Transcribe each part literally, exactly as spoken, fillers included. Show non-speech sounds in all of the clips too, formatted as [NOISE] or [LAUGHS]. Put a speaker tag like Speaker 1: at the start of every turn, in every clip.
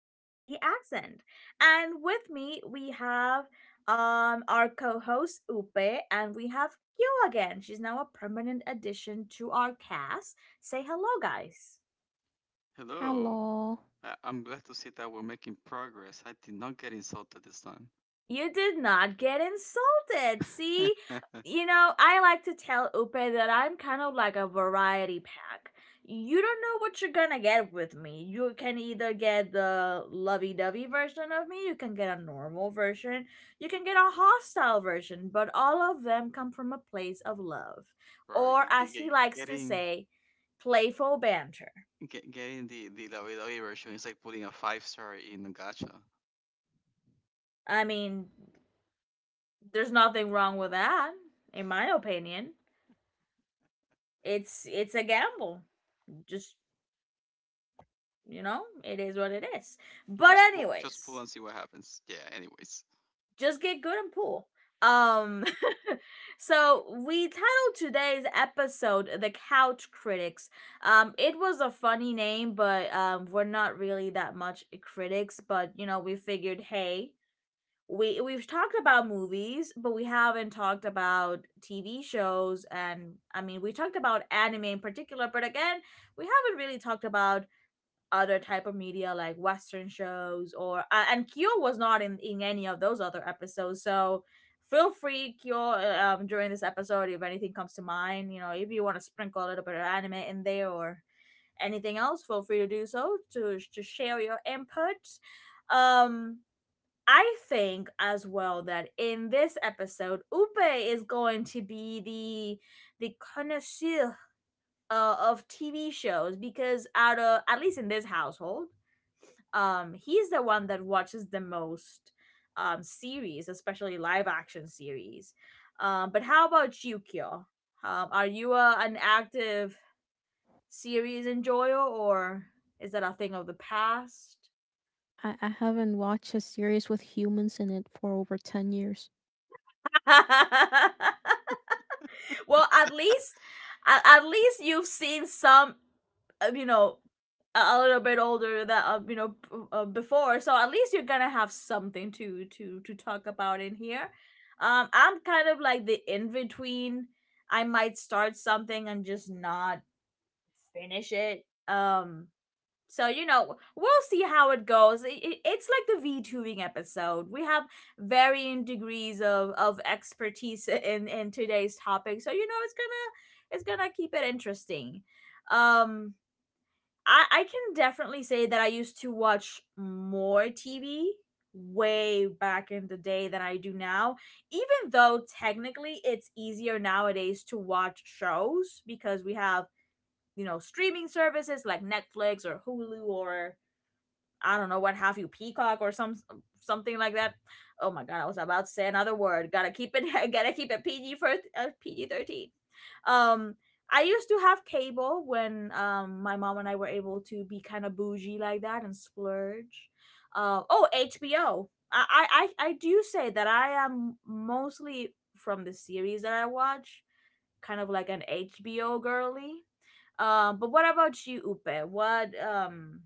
Speaker 1: it's the accent. And with me, we have um our co-host Upe, and we have Kyo again. She's now a permanent addition to our cast. Say hello, guys.
Speaker 2: Hello.
Speaker 3: Hello.
Speaker 2: I- I'm glad to see that we're making progress. I did not get insulted this time.
Speaker 1: You did not get insulted. See,
Speaker 2: [LAUGHS]
Speaker 1: you know, I like to tell Upe that I'm kind of like a variety pack. You don't know what you're gonna get with me. You can either get the lovey dovey version of me, you can get a normal version, you can get a hostile version, but all of them come from a place of love.
Speaker 2: Right,
Speaker 1: Or,
Speaker 2: ge- ge-
Speaker 1: as he
Speaker 2: ge-
Speaker 1: likes to
Speaker 2: getting
Speaker 1: say, playful banter.
Speaker 2: ge- getting the the La version is like putting a five star in a gacha.
Speaker 1: I mean, there's nothing wrong with that, in my opinion. It's it's a gamble. Just, you know, it is what it is, but
Speaker 2: Just pu- just pull
Speaker 1: anyways,
Speaker 2: and see what happens. Yeah. Anyways,
Speaker 1: just get good and pool. um [LAUGHS] so we titled today's episode the couch critics. Um it was a funny name, but um we're not really that much critics, but you know, we figured, hey, we we've talked about movies, but we haven't talked about TV shows. And I mean, we talked about anime in particular, but again, we haven't really talked about other type of media like western shows or uh, and Kyo was not in in any of those other episodes. So feel free, Kyo, uh, um during this episode, if anything comes to mind, you know, if you want to sprinkle a little bit of anime in there or anything else, feel free to do so, to to share your input. um I think as well that in this episode Upe is going to be the the connoisseur uh, of T V shows because, out of, at least in this household, um he's the one that watches the most um series, especially live action series. Um but how about you, Kyo? Um are you a, an active series enjoyer, or is that a thing of the past?
Speaker 3: I, I haven't watched a series with humans in it for over ten years.
Speaker 1: [LAUGHS] Well, at least at, at least you've seen some, uh, you know, a, a little bit older, that uh, you know, b- uh, before, so at least you're gonna have something to to to talk about in here. um I'm kind of like the in between. I might start something and just not finish it. Um so you know, we'll see how it goes. I- i- It's like the VTubing episode. We have varying degrees of of expertise [LAUGHS] in in today's topic. So you know, it's gonna, it's gonna keep it interesting. Um, I I can definitely say that I used to watch more T V way back in the day than I do now. Even though technically it's easier nowadays to watch shows, because we have, you know, streaming services like Netflix or Hulu or, I don't know, what have you, Peacock or some something like that. Oh my god, I was about to say another word. Gotta keep it. [LAUGHS] Gotta keep it P G, for uh, P G thirteen. Um, I used to have cable when um my mom and I were able to be kind of bougie like that and splurge. Uh, oh, H B O. I I I I do say that I am, mostly from the series that I watch, kind of like an H B O girly. Um, uh, but what about you, Upe? What, um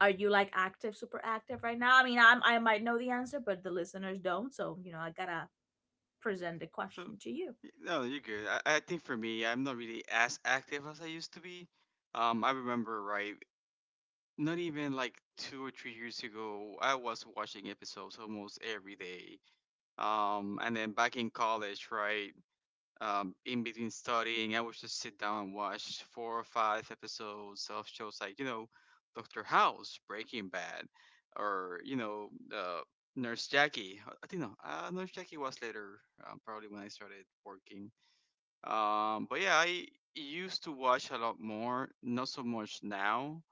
Speaker 1: are you like active, super active right now? I mean, I'm I might know the answer, but the listeners don't. So you know, I gotta present the
Speaker 2: so
Speaker 1: question to you.
Speaker 2: y- no, you're good. I, I think for me, I'm not really as active as I used to be. Um, I remember right, not even like two or three years ago, I was watching episodes almost every day. Um, and then back in college, right, um, in between studying, I would just sit down and watch four or five episodes of shows like, you know, Doctor House, Breaking Bad, or, you know, uh, Nurse Jackie. I I think no, uh, Nurse Jackie was later, um, probably when I started working. Um, but yeah, I used to watch a lot more, not so much now.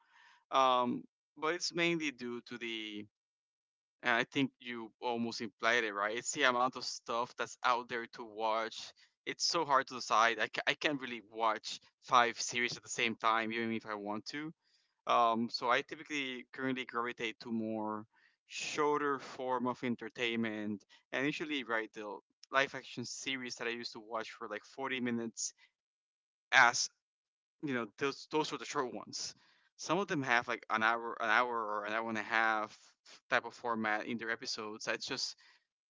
Speaker 2: Um, but it's mainly due to the and I think you almost implied it, right? It's the amount of stuff that's out there to watch. It's so hard to decide. I, ca- I can't really watch five series at the same time, even if I want to. Um, so I typically currently gravitate to more shorter form of entertainment, and usually, right, the live action series that I used to watch for like forty minutes, as you know, those those were the short ones. Some of them have like an hour, an hour or an hour and a half type of format in their episodes. That's just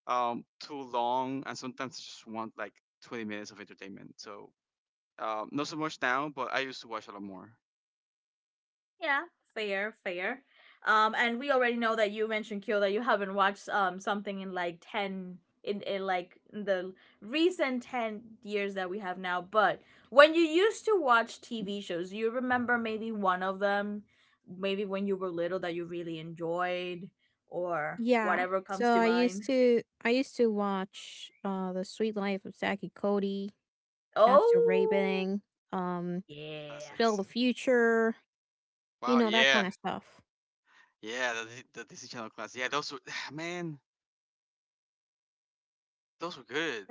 Speaker 2: um, too long, and sometimes I just want like twenty minutes of entertainment. So um, not so much now, but I used to watch a lot more
Speaker 1: Yeah, fair, fair. Um, and we already know that you mentioned, Kyo, that you haven't watched um something in like ten, in, in like the recent ten years that we have now. But when you used to watch T V shows, you remember maybe one of them, maybe when you were little, that you really enjoyed, or
Speaker 3: Yeah.
Speaker 1: whatever
Speaker 3: So
Speaker 1: comes to
Speaker 3: I
Speaker 1: mind.
Speaker 3: used to I used to watch uh The Sweet Life of Zack and Cody. That's the
Speaker 1: Oh.
Speaker 3: Raving, um,
Speaker 1: Yeah,
Speaker 3: Feel
Speaker 2: classics.
Speaker 3: the Future, you
Speaker 2: Wow,
Speaker 3: know, that
Speaker 2: yeah,
Speaker 3: kind of stuff.
Speaker 2: yeah, the, Dis- the Disney Channel classics. Yeah, those were [SIGHS] man, those were good.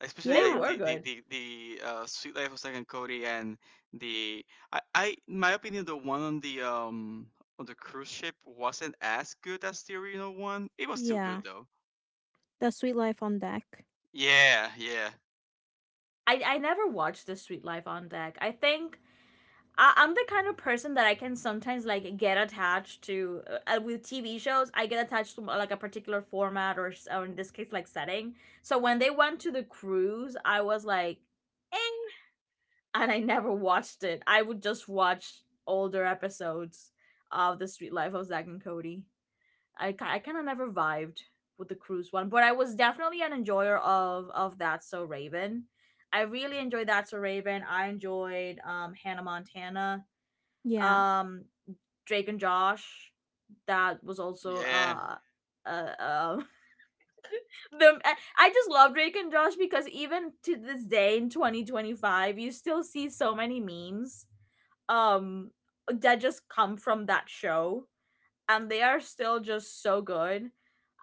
Speaker 2: Especially
Speaker 1: they
Speaker 2: like
Speaker 3: Yeah.
Speaker 1: were
Speaker 2: the the
Speaker 1: good.
Speaker 2: the, the uh, Sweet Life of Zack and Cody, and the I, I, in my opinion, the one on the um on the cruise ship wasn't as good as the original one. It was still good
Speaker 3: Yeah.
Speaker 2: though.
Speaker 3: The Sweet Life on Deck.
Speaker 2: Yeah, yeah,
Speaker 1: I I never watched the Sweet Life on Deck. I think I, I'm the kind of person that I can sometimes like get attached to uh, uh, with T V shows. I get attached to, uh, like a particular format, or, or in this case like setting. So when they went to the cruise, I was like, eh, and I never watched it. I would just watch older episodes of the Sweet Life of Zack and Cody. I, ki- I kind of never vibed with the cruise one, but I was definitely an enjoyer of of that. So Raven, I really enjoyed that. So Raven, I enjoyed um Hannah Montana,
Speaker 3: Yeah.
Speaker 1: um Drake and Josh. That was also
Speaker 2: yeah.
Speaker 1: uh uh, uh [LAUGHS] the, I I just love Drake and Josh because even to this day in twenty twenty-five, you still see so many memes um that just come from that show, and they are still just so good.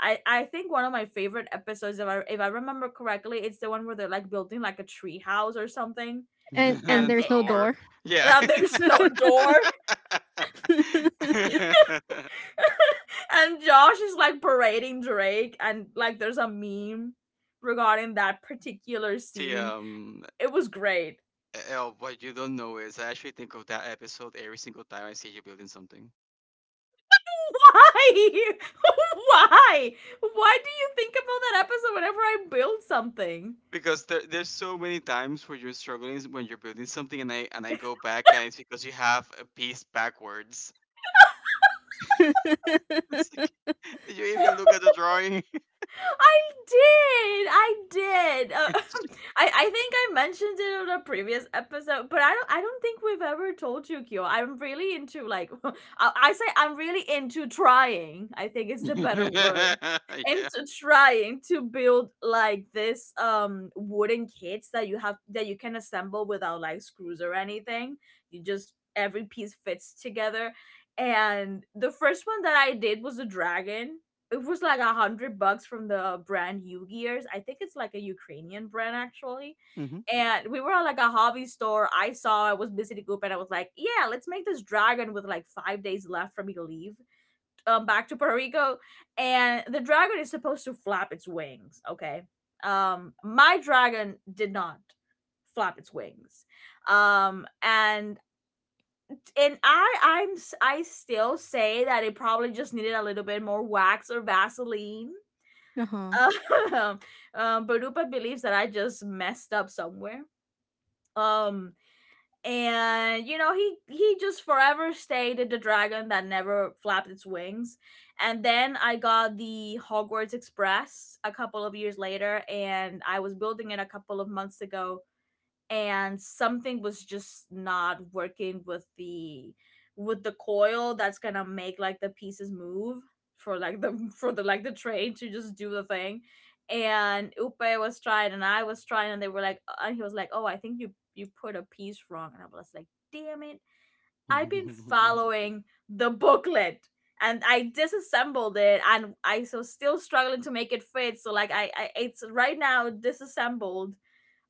Speaker 1: I, I think one of my favorite episodes, if I, if I remember correctly, it's the one where they're like building like a tree house or something,
Speaker 2: [LAUGHS]
Speaker 3: And and
Speaker 1: and
Speaker 2: The
Speaker 3: there's
Speaker 1: they,
Speaker 3: no
Speaker 1: uh,
Speaker 2: door.
Speaker 3: door.
Speaker 2: Yeah.
Speaker 1: and [LAUGHS] there's no
Speaker 3: [LAUGHS]
Speaker 1: door,
Speaker 2: [LAUGHS]
Speaker 1: and Josh is like parading Drake, and like there's a meme regarding that particular
Speaker 2: See,
Speaker 1: scene.
Speaker 2: um,
Speaker 1: It was great.
Speaker 2: El, what you don't know is I actually think of that episode every single time I see you building something.
Speaker 1: [LAUGHS] Why? [LAUGHS] Why? Why do you think about that episode whenever I build something?
Speaker 2: Because there, there's so many times where you're struggling when you're building something, and I and I go back, and it's because you have a piece backwards. [LAUGHS] It's like, did you even look at the drawing? [LAUGHS]
Speaker 1: I did. I did. Uh, [LAUGHS] I I think I mentioned it on a previous episode, but I don't, I don't think we've ever told you, Kyo. I'm really into like, [LAUGHS] I, I say I'm really into trying. I think it's the better word,
Speaker 2: Yeah.
Speaker 1: into trying to build like this um wooden kits that you have, that you can assemble without like screws or anything. You just, every piece fits together. And the first one that I did was a dragon. It was like a hundred bucks from the brand U Gears. I think it's like a Ukrainian brand actually.
Speaker 2: Hmm.
Speaker 1: And we were at like a hobby store. I saw, I was busy to group, and I was like, yeah, let's make this dragon with like five days left for me to leave um back to Puerto Rico, and the dragon is supposed to flap its wings. Okay, um, my dragon did not flap its wings, um, and and I I'm s- I still say that it probably just needed a little bit more wax or Vaseline.
Speaker 3: Uh-huh.
Speaker 1: [LAUGHS] Um, um, Barupa believes that I just messed up somewhere. Um, and you know, he he just forever stayed the dragon that never flapped its wings. And then I got the Hogwarts Express a couple of years later, and I was building it a couple of months ago, and something was just not working with the, with the coil that's gonna make like the pieces move, for like the [LAUGHS] for the, like the train to just do the thing. And Upe was trying, and I was trying, and they were like, and he was like, oh, I think you, you put a piece wrong. And I was like, damn it, I've been
Speaker 2: [LAUGHS]
Speaker 1: following the booklet. And I disassembled it, and I so still struggling to make it fit. So like I, I it's right now disassembled,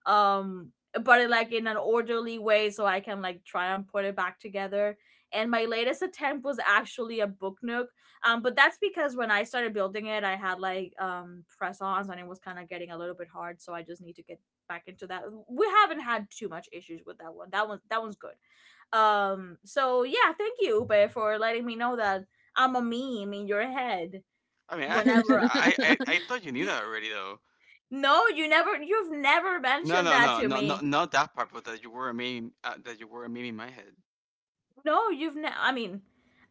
Speaker 1: um but it, like in an orderly way, so I can like try and put it back together. And my latest attempt was actually a book nook, um but that's because when I started building it, I had like um press-ons, and it was kind of getting a little bit hard, so I just need to get back into that. We haven't had too much issues with that one. That one that one's good. Um so yeah, thank you, Ube, for letting me know that I'm a meme in your head.
Speaker 2: I mean, I thought you,
Speaker 1: Whenever,
Speaker 3: [LAUGHS]
Speaker 2: I, I, I thought you knew that already, though.
Speaker 1: no, you never you've never
Speaker 2: No,
Speaker 1: mentioned
Speaker 2: no,
Speaker 1: that
Speaker 2: no,
Speaker 1: to
Speaker 2: no, no,
Speaker 1: me.
Speaker 2: not that part, but that you were a meme, uh, that you were a meme in my head.
Speaker 1: No, you've never. I mean,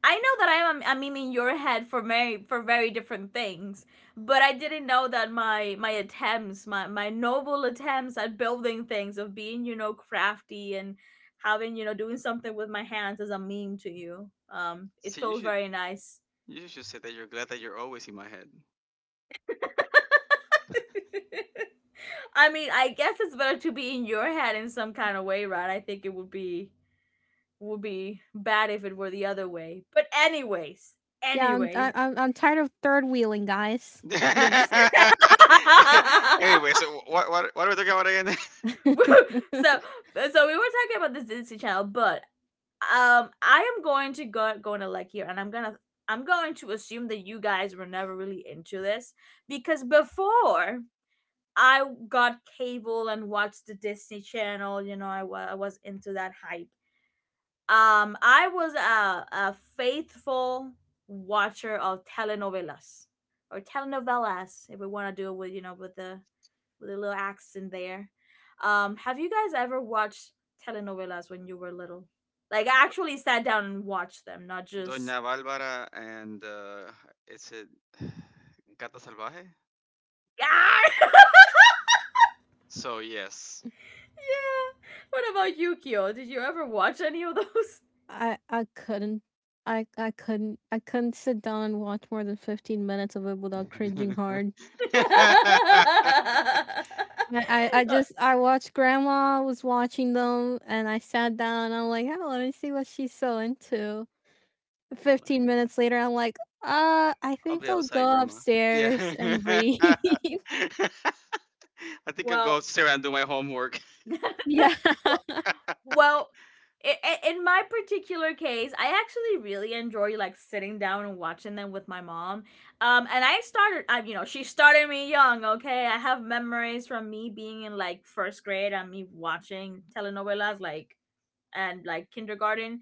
Speaker 1: I know that I am a meme in your head for very, for very different things, but I didn't know that my my attempts, my my noble attempts at building things, of being, you know, crafty, and having, you know, doing something with my hands, as a meme to you. Um, it
Speaker 2: See, you
Speaker 1: feels
Speaker 2: should,
Speaker 1: very nice. [LAUGHS]
Speaker 2: you should say that you're glad that you're always in my head.
Speaker 1: I mean, I guess it's better to be in your head in some kind of way, right? I think it would be, would be bad if it were the other way. But anyways,
Speaker 3: Yeah, I'm
Speaker 1: anyways,
Speaker 3: I, I'm I'm tired of third wheeling, guys. Please.
Speaker 2: [LAUGHS]
Speaker 1: [LAUGHS]
Speaker 2: Anyway, so what, what, what are we talking about again? [LAUGHS]
Speaker 1: woo. So,
Speaker 3: [LAUGHS]
Speaker 1: so we were talking about this Disney Channel, but um, I am going to go go into like here, and I'm gonna, I'm going to assume that you guys were never really into this, because before I got cable and watched the Disney Channel, you know, I wa- I was into that hype. Um, I was a, a faithful watcher of telenovelas, or telenovelas, if we want to do it with, you know, with the, with a little accent there. Um, have you guys ever watched telenovelas when you were little? Like, actually sat down and watched them, not just
Speaker 2: Doña Bárbara and uh, is it [SIGHS] Gata Salvaje?
Speaker 1: [LAUGHS] yeah.
Speaker 2: So yes.
Speaker 1: Yeah. What about Yukio? Did you ever watch any of those?
Speaker 3: I I couldn't I I couldn't I couldn't sit down and watch more than fifteen minutes of it without cringing hard.
Speaker 1: [LAUGHS]
Speaker 2: [LAUGHS] Like,
Speaker 3: I, I, I
Speaker 1: Uh,
Speaker 3: just I watched grandma was watching them and I sat down and I'm like, oh, let me see what she's so into. Fifteen minutes later I'm like, uh I
Speaker 2: I'll
Speaker 3: think
Speaker 2: be
Speaker 3: I'll
Speaker 2: outside,
Speaker 3: go
Speaker 2: Grandma. Yeah.
Speaker 3: upstairs and
Speaker 2: [LAUGHS]
Speaker 3: read.
Speaker 2: I
Speaker 3: [LAUGHS]
Speaker 2: think I'll go
Speaker 1: well,
Speaker 2: upstairs and do my homework.
Speaker 1: [LAUGHS]
Speaker 3: Yeah.
Speaker 1: well,
Speaker 3: [LAUGHS]
Speaker 2: [LAUGHS]
Speaker 1: Well, I I in my particular case, I actually really enjoy like sitting down and watching them with my mom. Um, and I started, I you know, she started me young. Okay, I have memories from me being in like first grade and me watching telenovelas like and like kindergarten.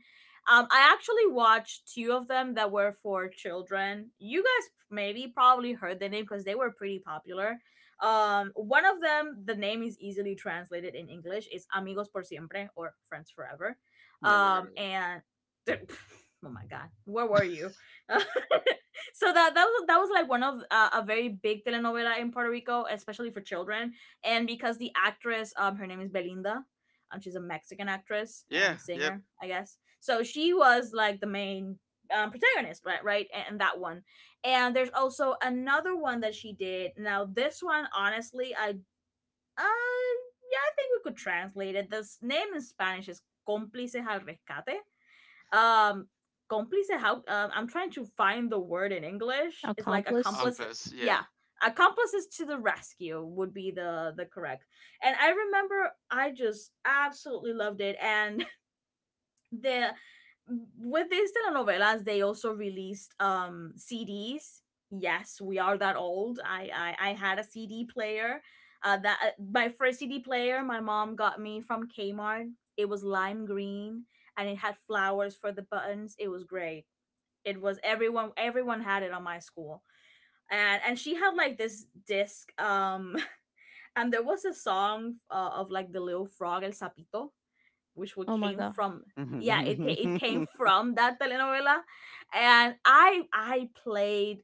Speaker 1: Um, I actually watched two of them that were for children. You guys maybe probably heard the name because they were pretty popular. Um, one of them, the name is easily translated in English. It's Amigos por siempre, or Friends Forever.
Speaker 2: Never heard of
Speaker 1: Um,
Speaker 2: it.
Speaker 1: and [LAUGHS] oh my god, where were you? [LAUGHS] so that that was that was like one of uh, a very big telenovela in Puerto Rico, especially for children. And because the actress, um, her name is Belinda, um, she's a Mexican actress
Speaker 2: Yeah,
Speaker 1: and
Speaker 2: yeah.
Speaker 1: singer, I guess. So she was like the main um, protagonist, right? Right, and, and that one. And there's also another one that she did. Now this one, honestly, I uh, yeah, I think we could translate it. This name in Spanish is Cómplices al Rescate. um Cómplice, how, um, I'm trying to find the word in English, it's like
Speaker 3: Accomplice.
Speaker 1: accomplice.
Speaker 2: Olympus, yeah.
Speaker 1: Yeah, accomplices to the rescue would be the the correct. And I remember I just absolutely loved it. And the with these telenovelas they also released um C Ds. Yes, we are that old. i i, I had a C D player, uh that uh, my first C D player my mom got me from Kmart. It was lime green, and it had flowers for the buttons. It was great. It was everyone everyone had it on my school. And and she had like this disc. um [LAUGHS] and there was a song, uh, of like the little frog, el sapito, which what
Speaker 3: Oh my
Speaker 1: came
Speaker 3: god.
Speaker 1: from yeah it
Speaker 2: Mhm.
Speaker 1: ca- it came
Speaker 2: [LAUGHS]
Speaker 1: from that telenovela. And i i played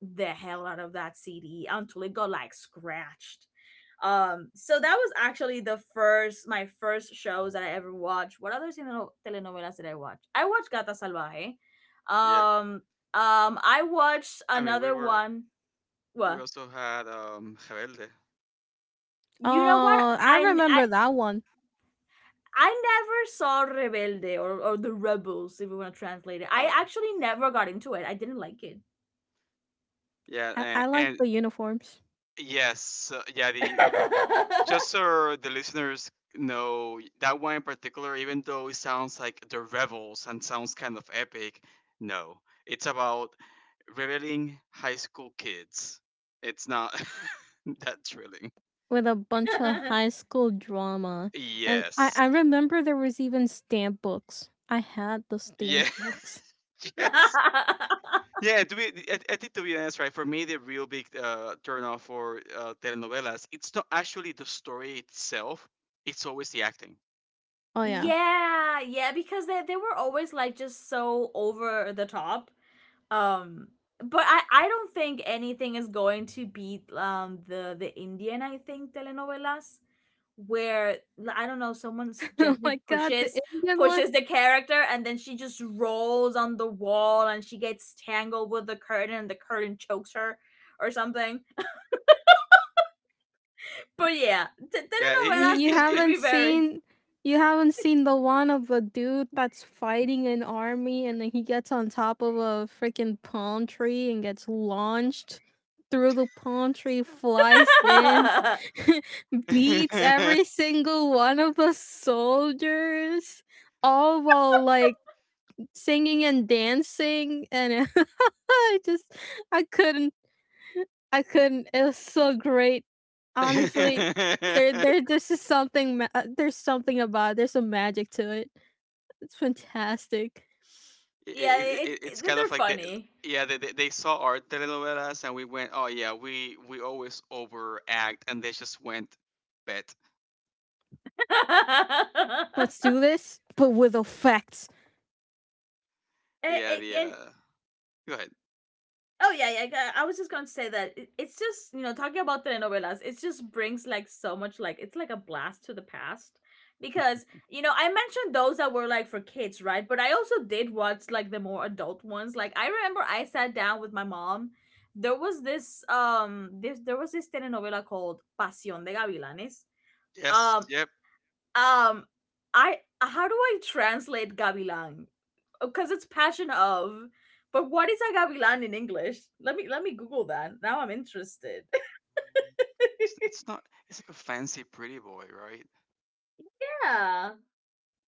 Speaker 1: the hell out of that C D until it got like scratched. Um so that was actually the first my first shows that I ever watched. What other teleno- telenovelas did I watch? I watched Gata Salvaje.
Speaker 2: Yep.
Speaker 1: um um I watched
Speaker 2: I mean, we
Speaker 1: another
Speaker 2: were
Speaker 1: one.
Speaker 2: we
Speaker 1: What
Speaker 2: also had um Rebelde.
Speaker 1: you know what
Speaker 3: Oh, I
Speaker 1: I
Speaker 3: remember that one.
Speaker 1: I never saw Rebelde, or, or the Rebels, if you want to translate it. I
Speaker 2: Oh,
Speaker 1: actually never got into it. I didn't like it.
Speaker 2: yeah,
Speaker 3: I, I
Speaker 2: and,
Speaker 3: like
Speaker 2: and
Speaker 3: the uniforms.
Speaker 2: yes, uh, yeah. The just
Speaker 1: [LAUGHS]
Speaker 2: so the listeners know that one in particular, even though it sounds like the rebels and sounds kind of epic, no, it's about rebelling high school kids. It's not [LAUGHS] that thrilling.
Speaker 3: With a bunch of high school drama. And I,
Speaker 2: Yes.
Speaker 3: I remember there was even stamp books. I had the stamp
Speaker 2: Yeah.
Speaker 3: books.
Speaker 2: [LAUGHS] Yes. Yeah, to be, I, I think to be honest, right, for me, the real big uh, turnoff for uh, telenovelas, it's not actually the story itself, it's always the acting.
Speaker 3: Oh yeah.
Speaker 1: yeah, yeah, because they, they were always like just so over the top. Um but I, I don't think anything is going to beat um the, the Indian I think telenovelas where l- I don't know, someone s-
Speaker 3: [LAUGHS] Oh
Speaker 1: gently
Speaker 3: my god, the
Speaker 1: pushes
Speaker 3: Indian.
Speaker 1: pushes the character, and then she just rolls on the wall, and she gets tangled with the curtain, and the curtain chokes her, or something. But yeah, t-
Speaker 2: Yeah,
Speaker 3: You
Speaker 2: it,
Speaker 1: telenovelas
Speaker 3: you
Speaker 2: it,
Speaker 1: could could
Speaker 2: it,
Speaker 1: be
Speaker 3: haven't
Speaker 1: very—
Speaker 3: seen you haven't seen the one of a dude that's fighting an army and then he gets on top of a freaking palm tree and gets launched through the palm tree, flies in,
Speaker 1: [LAUGHS]
Speaker 3: [LAUGHS]
Speaker 2: it,
Speaker 3: beats
Speaker 2: it
Speaker 3: every single one of the soldiers, all while like singing and dancing and [LAUGHS] I just I couldn't I couldn't. It was so great.
Speaker 2: [LAUGHS]
Speaker 3: Honestly, there,
Speaker 2: it-
Speaker 3: there, this is something. Ma- uh, there's something about it. There's some magic to it. It's fantastic.
Speaker 1: yeah,
Speaker 2: it-
Speaker 1: it,
Speaker 2: it-
Speaker 1: it,
Speaker 2: it's kind
Speaker 1: they're
Speaker 2: of like they,
Speaker 1: funny.
Speaker 2: yeah, they, they they saw our telenovelas and we went, oh yeah, we we always overact, and they just went bet.
Speaker 3: Let's
Speaker 1: [LAUGHS]
Speaker 3: do this, but with effects.
Speaker 1: Eh,
Speaker 2: Yeah,
Speaker 1: eh,
Speaker 2: the
Speaker 1: and
Speaker 2: uh, Go ahead.
Speaker 1: Oh yeah, yeah. I- I was just going to say that it- it's just you know talking about telenovelas, it just brings like so much, like it's like a blast to the past. Because you know I mentioned those that were like for kids, right? But I also did watch like the more adult ones. Like I remember I sat down with my mom. There was this um this there was this telenovela called Pasión de Gavilanes.
Speaker 2: Yes,
Speaker 1: Um,
Speaker 2: yep.
Speaker 1: um, I, how do I translate gavilan? Because it's passion of, but what is a gavilan in English? Let me let me Google that. Now I'm interested. [LAUGHS]
Speaker 2: It's, it's not. It's like a fancy pretty boy,
Speaker 1: Yeah,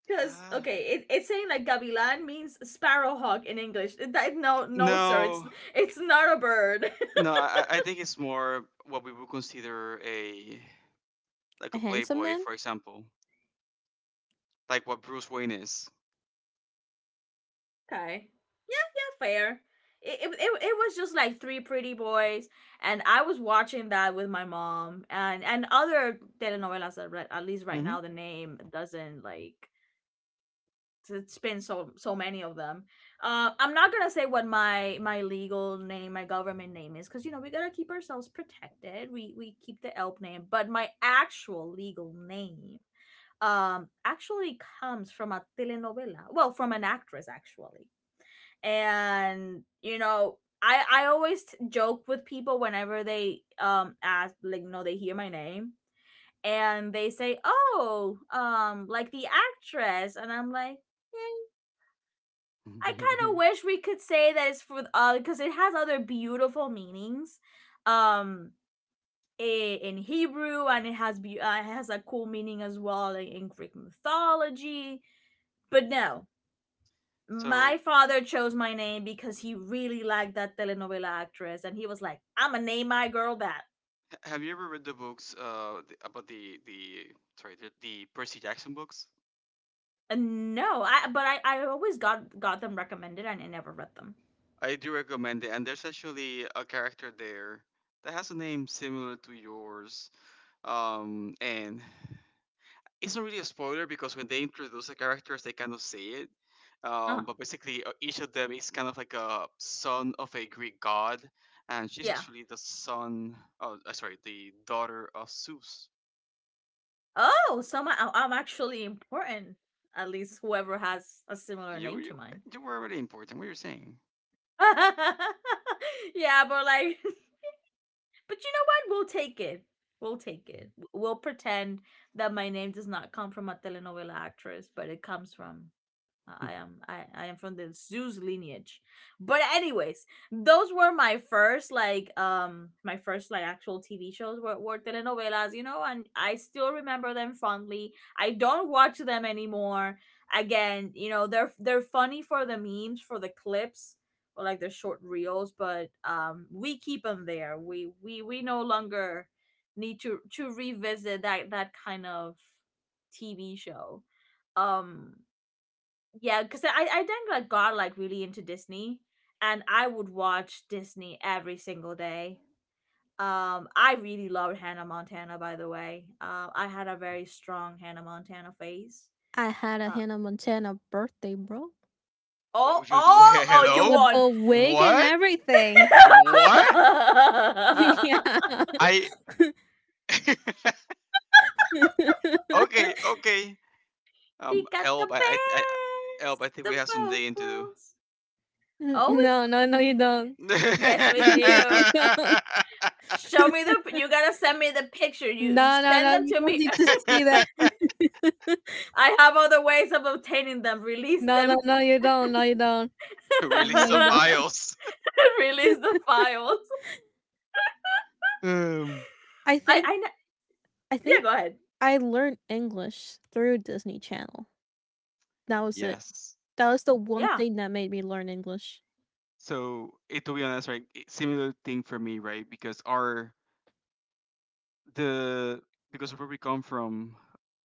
Speaker 1: because
Speaker 2: right?
Speaker 1: okay, it, it's saying like gavilan means sparrowhawk in English. It- that- no, no, sir, it's
Speaker 2: No,
Speaker 1: it's not a bird.
Speaker 2: no. I, I think it's more what we would consider a like a
Speaker 3: A handsome
Speaker 2: playboy,
Speaker 3: man.
Speaker 2: for example, like what Bruce Wayne is.
Speaker 1: [LAUGHS] Okay, yeah, fair. It, it, it, it was just like three pretty boys. And I was watching that with my mom, and and other telenovelas that, right, at least right
Speaker 2: Hmm.
Speaker 1: now the name doesn't, like, it's been so so many of them. uh, I'm not gonna say what my my legal name my government name is, because you know we gotta keep ourselves protected, we we keep the E L P name, but my actual legal name um actually comes from a telenovela, well, from an actress actually. And you know i i always t- joke with people whenever they um ask, like, you know, they hear my name and they say, oh, um like the actress, and I'm like, "Eh, I kind of
Speaker 2: [LAUGHS]
Speaker 1: wish we could say that it's for, uh because it has other beautiful meanings um I- in Hebrew, and it has be- uh, it has a cool meaning as well like in Greek mythology." But no, my
Speaker 2: So,
Speaker 1: father chose my name because he really liked that telenovela actress and he was like, I'm gonna name my girl that.
Speaker 2: h- have you ever read the books uh th- about the the sorry the, the Percy Jackson books?
Speaker 1: And no, I but I I always got got them recommended and I never read them.
Speaker 2: I do recommend it, and there's actually a character there that has a name similar to yours. Um, Anne. It's not really a spoiler because when they introduce the characters, they kind of say it.
Speaker 1: uh
Speaker 2: Um, but basically, uh, each of them is kind of like a son of a Greek god, and she's
Speaker 1: yeah
Speaker 2: actually the son. Oh, uh, sorry, the daughter of Zeus.
Speaker 1: oh, so my, I- I'm actually important, at least whoever has a similar
Speaker 2: You
Speaker 1: name to
Speaker 2: you
Speaker 1: mine.
Speaker 2: you were really important. What you're saying?
Speaker 1: [LAUGHS] yeah, but, like, [LAUGHS] but you know what? We'll take it. We'll take it. We'll pretend that my name does not come from a telenovela actress, but it comes from— I am, I, I am from the Zeus lineage. But anyways, those were my first like um my first like actual T V shows, were, were telenovelas, you know, and I still remember them fondly. I don't watch them anymore. Again, you know, they're they're funny for the memes, for the clips, or like the short reels, but um we keep them there. We we we no longer need to to revisit that that kind of T V show. um yeah, because I I then like got like really into Disney, and I would watch Disney every single day. Um, I really loved Hannah Montana, by the way. Uh, I had a very strong Hannah Montana phase.
Speaker 3: I had a
Speaker 1: Uh,
Speaker 3: Hannah Montana birthday, bro,
Speaker 2: Uh,
Speaker 1: oh,
Speaker 2: You, d- [LAUGHS]
Speaker 1: oh, oh! You
Speaker 2: Hello?
Speaker 3: with
Speaker 1: won.
Speaker 3: the wig and
Speaker 2: What?
Speaker 1: [LAUGHS]
Speaker 3: everything.
Speaker 1: she
Speaker 2: What?
Speaker 3: [LAUGHS] Yeah. [LAUGHS]
Speaker 2: I. [LAUGHS] Okay. Okay. Um,
Speaker 1: got the
Speaker 2: Elb, I, I, I, Elb, I think
Speaker 1: best
Speaker 2: we
Speaker 1: of
Speaker 2: have some
Speaker 1: both
Speaker 2: digging to
Speaker 1: worlds.
Speaker 3: N-
Speaker 1: Oh,
Speaker 3: no, no, no,
Speaker 1: we,
Speaker 3: you
Speaker 1: mm-hmm,
Speaker 3: don't.
Speaker 1: yes, we
Speaker 3: [LAUGHS] No,
Speaker 1: do.
Speaker 3: you don't.
Speaker 1: Show me
Speaker 3: [LAUGHS]
Speaker 1: the— you gotta send me the picture. You
Speaker 3: No, no,
Speaker 1: send
Speaker 3: no,
Speaker 1: them
Speaker 3: you
Speaker 1: to
Speaker 3: don't
Speaker 1: me.
Speaker 3: need to
Speaker 1: [LAUGHS]
Speaker 2: do.
Speaker 3: see
Speaker 2: [LAUGHS]
Speaker 3: that. [LAUGHS]
Speaker 1: I have other ways of obtaining them. Release
Speaker 3: No, no,
Speaker 1: them.
Speaker 3: no, you don't. No, you don't.
Speaker 2: [LAUGHS]
Speaker 3: No,
Speaker 2: Release of
Speaker 3: you don't.
Speaker 2: Isles. [LAUGHS]
Speaker 1: [LAUGHS] Release the
Speaker 3: [LAUGHS]
Speaker 1: files.
Speaker 2: Um,
Speaker 3: I
Speaker 1: I,
Speaker 3: think
Speaker 1: I, kn-
Speaker 3: I
Speaker 1: yeah,
Speaker 3: think
Speaker 1: go ahead.
Speaker 3: I learned English through Disney Channel. That was it.
Speaker 2: yes.
Speaker 3: That was the one
Speaker 1: Yeah,
Speaker 3: thing that made me learn English.
Speaker 2: So, it to be honest, right? it- Similar thing for me, right? Because our the because of where we come from,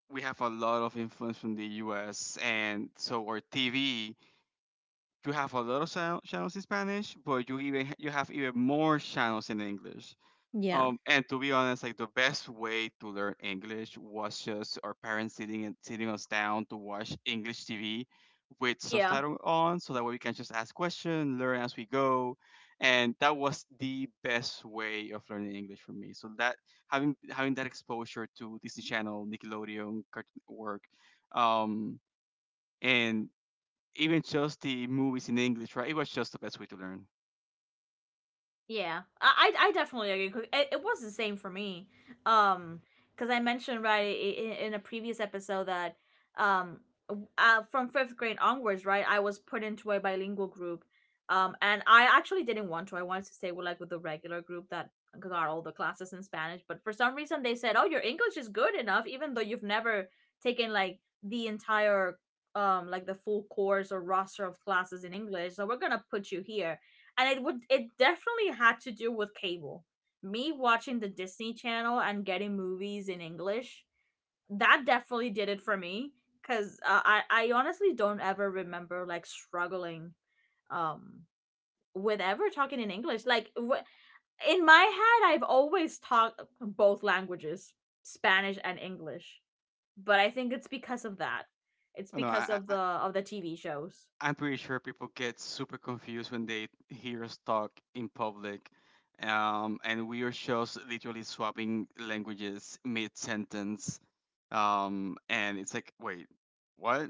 Speaker 2: we have a lot of influence from the U S, and so our T V. You have a lot of channel- channels in Spanish, but you even ha- you have even more channels in English.
Speaker 3: Yeah.
Speaker 2: Um, and to be honest, like the best way to learn English was just our parents sitting and sitting us down to watch English T V with
Speaker 1: yeah.
Speaker 2: subtitle on, so that way we can just ask questions, learn as we go, and that was the best way of learning English for me. So that having having that exposure to Disney Channel, Nickelodeon, Cartoon Network, um, and even just the movies in English, right? It was just the best way to learn.
Speaker 1: Yeah, I I I definitely agree, 'cause It, it was the same for me. Um, because I mentioned, right, in, in a previous episode that, um, w- uh, from fifth grade onwards, right, I was put into a bilingual group. Um, and I actually didn't want to. I wanted to stay with like with the regular group that got all the classes in Spanish. But for some reason, they said, "Oh, your English is good enough, even though you've never taken like the entire um like the full course or roster of classes in English. So we're gonna put you here." And it would— it definitely had to do with cable. Me watching the Disney Channel and getting movies in English, that definitely did it for me, because uh, I I honestly don't ever remember like struggling um with ever talking in English. Like wh- in my head, I've always talked both languages, Spanish and English. But I think it's because of that. It's
Speaker 2: Oh, no,
Speaker 1: because
Speaker 2: I,
Speaker 1: of
Speaker 2: I
Speaker 1: the of the T V shows.
Speaker 2: I'm pretty sure people get super confused when they hear us talk in public. Um, and we are just literally swapping languages mid sentence. Um, and it's like, wait, what?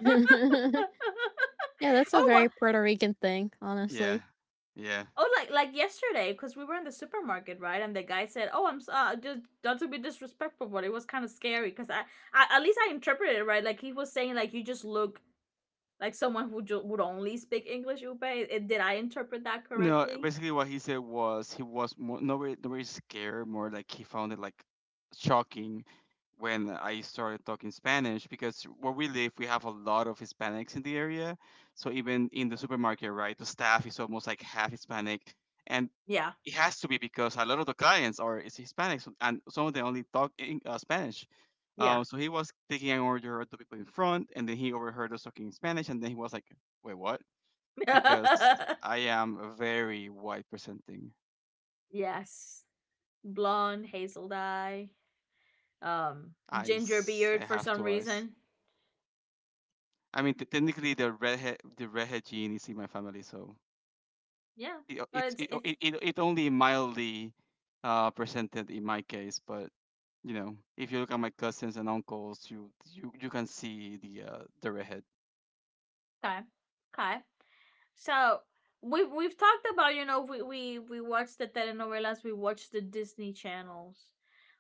Speaker 3: [LAUGHS] Yeah, that's a
Speaker 1: oh, well,
Speaker 3: very Puerto Rican thing,
Speaker 2: Yeah,
Speaker 3: honestly.
Speaker 2: yeah.
Speaker 1: oh, like like yesterday, because we were in the supermarket, right? And the guy said, "Oh, I'm sorry, just not to be disrespectful, but it was kind of scary." Because I, I, at least I interpreted it right. Like he was saying, like you just look like someone who ju- would only speak English. Upe, It- it- did I interpret that
Speaker 2: No,
Speaker 1: correctly?
Speaker 2: basically what he said was he was more, not very, not very scared, more like he found it like shocking when I started talking Spanish because where we live, we have a lot of Hispanics in the area. So even in the supermarket, right, the staff is almost like half Hispanic, and
Speaker 1: Yeah,
Speaker 2: it has to be because a lot of the clients are is Hispanics, and some of them only talk in, uh, Spanish.
Speaker 1: yeah,
Speaker 2: Uh, so he was taking an order of the people in front, and then he overheard us talking Spanish, and then he was like, "Wait, what?" because
Speaker 1: [LAUGHS]
Speaker 2: I am very white presenting.
Speaker 1: yes. Blonde, hazel dye, um, ginger
Speaker 2: Eyes, I
Speaker 1: beard for
Speaker 2: have
Speaker 1: some
Speaker 2: two eyes.
Speaker 1: reason.
Speaker 2: I mean, t- technically, the redhead, the redhead gene is in my family, so
Speaker 1: Yeah,
Speaker 2: it o-
Speaker 1: but
Speaker 2: it
Speaker 1: it's
Speaker 2: it o-
Speaker 1: it's—
Speaker 2: it, it it only mildly uh, presented in my case. But you know, if you look at my cousins and uncles, you you you can see the uh, the redhead.
Speaker 1: okay, okay. So we we've talked about, you know, we we we watch the telenovelas, we watch the Disney channels.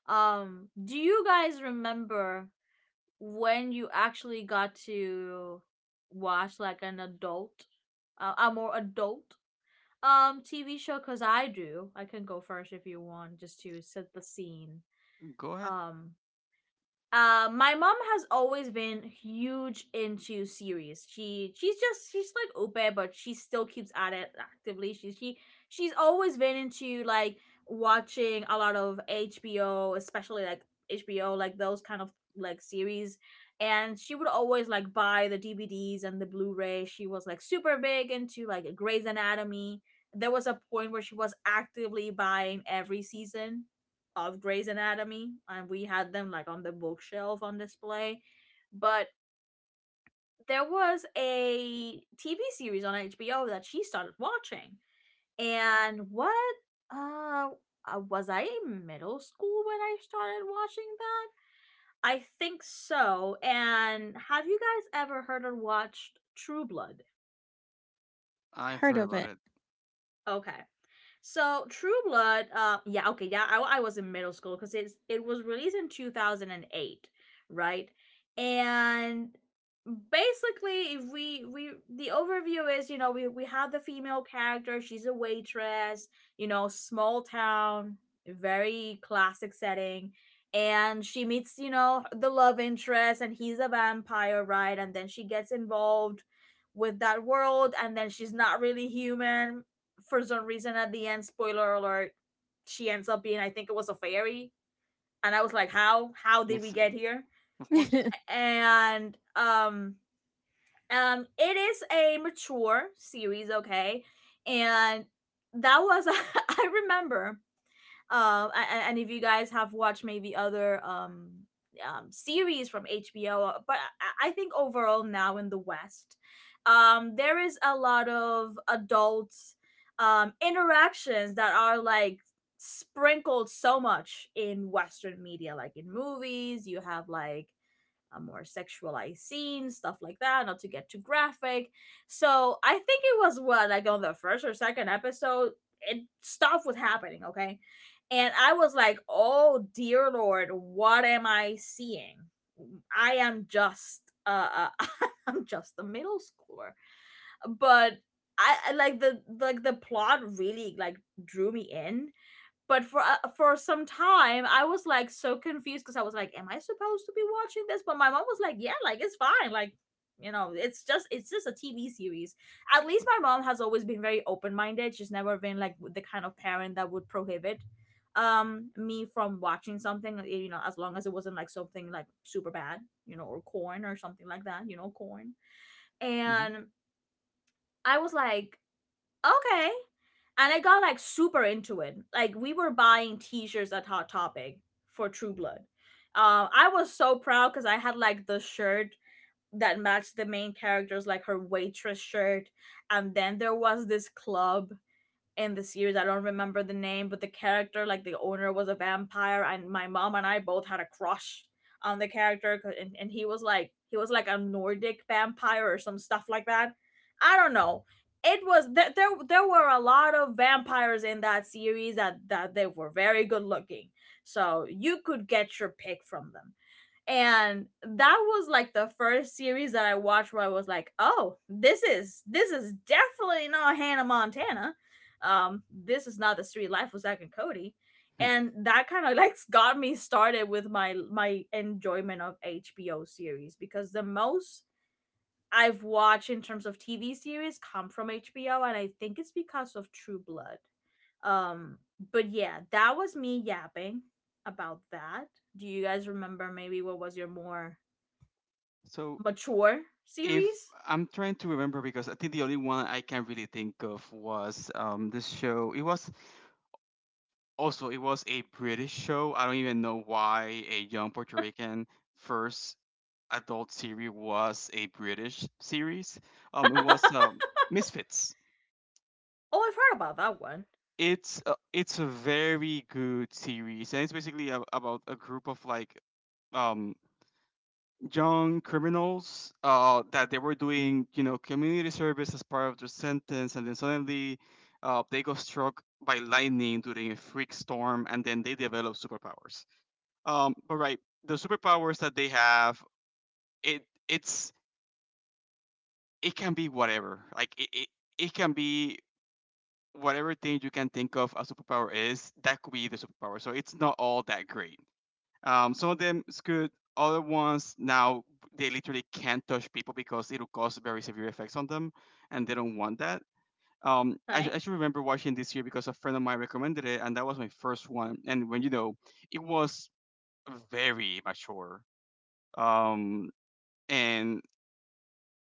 Speaker 1: Um, do you guys remember when you actually got to watch like an adult, uh, a more adult um T V show? Cause I do. I can go first if you want, just to set the scene.
Speaker 2: Go ahead.
Speaker 1: Um, uh, my mom has always been huge into series. She she's just she's like open, but she still keeps at it actively. She she she's always been into like watching a lot of H B O, especially like H B O, like those kind of like series. And she would always like buy the D V Ds and the Blu-ray. She was like super big into like Grey's Anatomy. There was a point where she was actively buying every season of Grey's Anatomy, and we had them like on the bookshelf on display. But there was a T V series on H B O that she started watching, and what uh uh, was I in middle school when I started watching that? I think so. And have you guys ever heard or watched True Blood?
Speaker 2: I've
Speaker 3: Heard
Speaker 2: heard
Speaker 3: of
Speaker 2: about
Speaker 3: it.
Speaker 2: it.
Speaker 1: Okay. So True Blood, uh, yeah, okay, yeah, I, I was in middle school because it's it was released in two thousand and eight, right? And basically, if we we the overview is you know we we have the female character. She's a waitress, you know, small town, very classic setting. And she meets, you know, the love interest, and he's a vampire, right? And then she gets involved with that world, and then she's not really human for some reason. At the end, spoiler alert, she ends up being I think it was a fairy. And I was like, how? How did
Speaker 2: Makes
Speaker 1: we get
Speaker 2: sen-
Speaker 1: here?
Speaker 2: of course.
Speaker 3: [LAUGHS]
Speaker 1: And um um it is a mature series, okay? And that was [LAUGHS] I remember um, and, and if you guys have watched maybe other um, um series from H B O, uh, but I, I think overall now in the West, um, there is a lot of adult um interactions that are like sprinkled so much in western media. Like in movies you have like uh, more sexualized scenes, stuff like that, not to get too graphic. So I think it was, what, like on the first or second episode, it stuff was happening, okay? And I was like, oh dear lord, what am I seeing? I am just uh, uh [LAUGHS] I'm just a middle schooler. But I I- like the like the plot really like drew me in. But for uh, for some time I was like so confused, because I was like, am I supposed to be watching this? But my mom was like, yeah, like it's fine, like, you know, it's just it's just a TV series. At least my mom has always been very open-minded. She's never been like the kind of parent that would prohibit um me from watching something, eh, you know, as long as it wasn't like something like super bad, you know, or corn or something like that. You know, corn.
Speaker 2: Hmm.
Speaker 1: And I was like, okay. And I got like super into it. Like we were buying t-shirts at Hot Topic for True Blood. Uh, I was so proud because I had like the shirt that matched the main character's, like her waitress shirt. And then there was this club in the series. I don't remember the name, but the character, like the owner, was a vampire, and my mom and I both had a crush on the character. and, and he was like he was like a Nordic vampire or some stuff like that. I don't know. It was there. There, there were a lot of vampires in that series that that they were very good looking, so you could get your pick from them. And that was like the first series that I watched where I was like, "Oh, this is this is definitely not Hannah Montana. Um, this is not the street life of Zack and Cody."
Speaker 2: [LAUGHS]
Speaker 1: And that kind of [LAUGHS] like got me started with my my enjoyment of H B O series, because the most I've watched in terms of T V series come from H B O, and I think it's because of True Blood. Um, but yeah, that was me yapping about that. Do you guys remember, maybe what was your more
Speaker 2: So,
Speaker 1: mature
Speaker 2: if
Speaker 1: series?
Speaker 2: I'm trying to remember because I think the only one I can really think of was um this show. It was also, it was a British show. I don't even know why a young Puerto Rican first adult series was a British series. Um, it was um Misfits.
Speaker 1: Oh, I've heard about that one.
Speaker 2: It's a, it's a very good series, and it's basically a, about a group of like um young criminals uh, that they were doing, you know, community service as part of their sentence, and then suddenly uh, they got struck by lightning during a freak storm, and then they develop superpowers. Um, but right, the superpowers that they have, it it's it can be whatever. Like it, it, it can be whatever thing you can think of a superpower is. That could be the superpower. So it's not all that great. Um, some of them is good. Other ones now they literally can't touch people because it'll cause very severe effects on them, and they don't want that. Um, I,
Speaker 1: Right?
Speaker 2: I should remember watching this year because a friend of mine recommended it, and that was my first one. And when you know, it was very mature. Um, and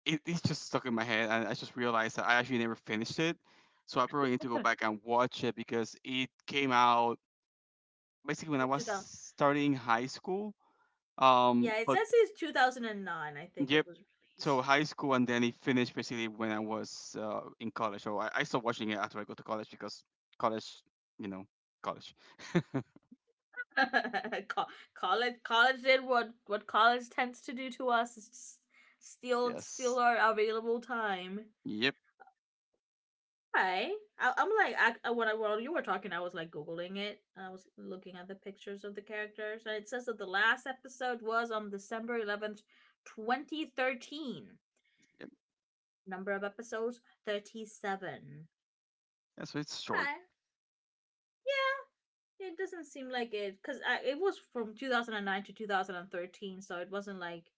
Speaker 2: it, it's just stuck in my head, and I just realized that I actually never finished it. So I probably need to go
Speaker 1: [LAUGHS]
Speaker 2: back and watch it because it came out basically when I was
Speaker 1: two thousand.
Speaker 2: starting high school. Um,
Speaker 1: Yeah, it
Speaker 2: but
Speaker 1: says it's two thousand nine, I think it
Speaker 2: Yep.
Speaker 1: was
Speaker 2: So
Speaker 1: released.
Speaker 2: high school, and then it finished basically when I was uh, in college. So I, I stopped watching it after I go to college because college, you know, college.
Speaker 1: [LAUGHS] Co- college. College did what what college tends to do to us, is just steal steal
Speaker 2: Yes.
Speaker 1: our available time.
Speaker 2: Yep.
Speaker 1: Hi. I, I'm like, I, I- when I while you were talking, I was like googling it, and I was looking at the pictures of the characters, and it says that the last episode was on December eleventh, twenty thirteen.
Speaker 2: Yep.
Speaker 1: Number of episodes thirty seven.
Speaker 2: That's why it's short.
Speaker 1: Okay. Yeah. It doesn't seem like it, cause I, it was from two thousand and nine to two thousand and thirteen, so it wasn't like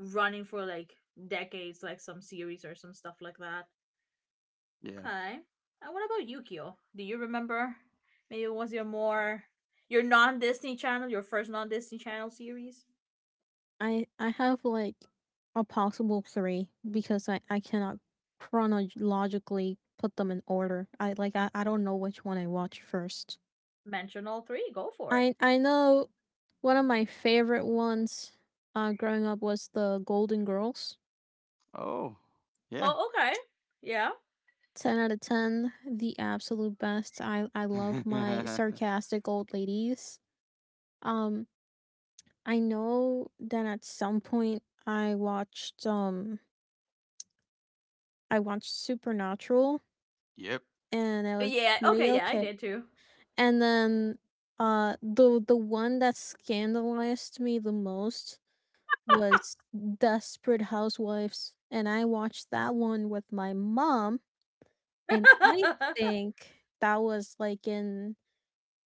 Speaker 1: running for like decades, like some series or some stuff like that.
Speaker 2: Yeah.
Speaker 1: Okay. And what about Yukio? Do you remember? Maybe it was your more your non Disney channel, your first non Disney channel series?
Speaker 3: I I have like a possible three because I I cannot chronologically put them in order. I like I, I don't know which one I watch first.
Speaker 1: Mention all three. Go for it.
Speaker 3: I I know One of my favorite ones uh growing up was the Golden Girls.
Speaker 2: Oh. Yeah.
Speaker 1: Oh, okay. Yeah.
Speaker 3: ten out of ten, the absolute best. I I love my
Speaker 2: [LAUGHS]
Speaker 3: sarcastic old ladies. Um I know that at some point I watched um I watched Supernatural,
Speaker 2: Yep.
Speaker 3: and it was
Speaker 1: Yeah.
Speaker 3: pretty
Speaker 1: Okay. Yeah, I
Speaker 3: okay.
Speaker 1: did too.
Speaker 3: And then uh the the one that scandalized me the most was Desperate Housewives, and I watched that one with my mom, and
Speaker 1: [LAUGHS]
Speaker 3: I think that was like in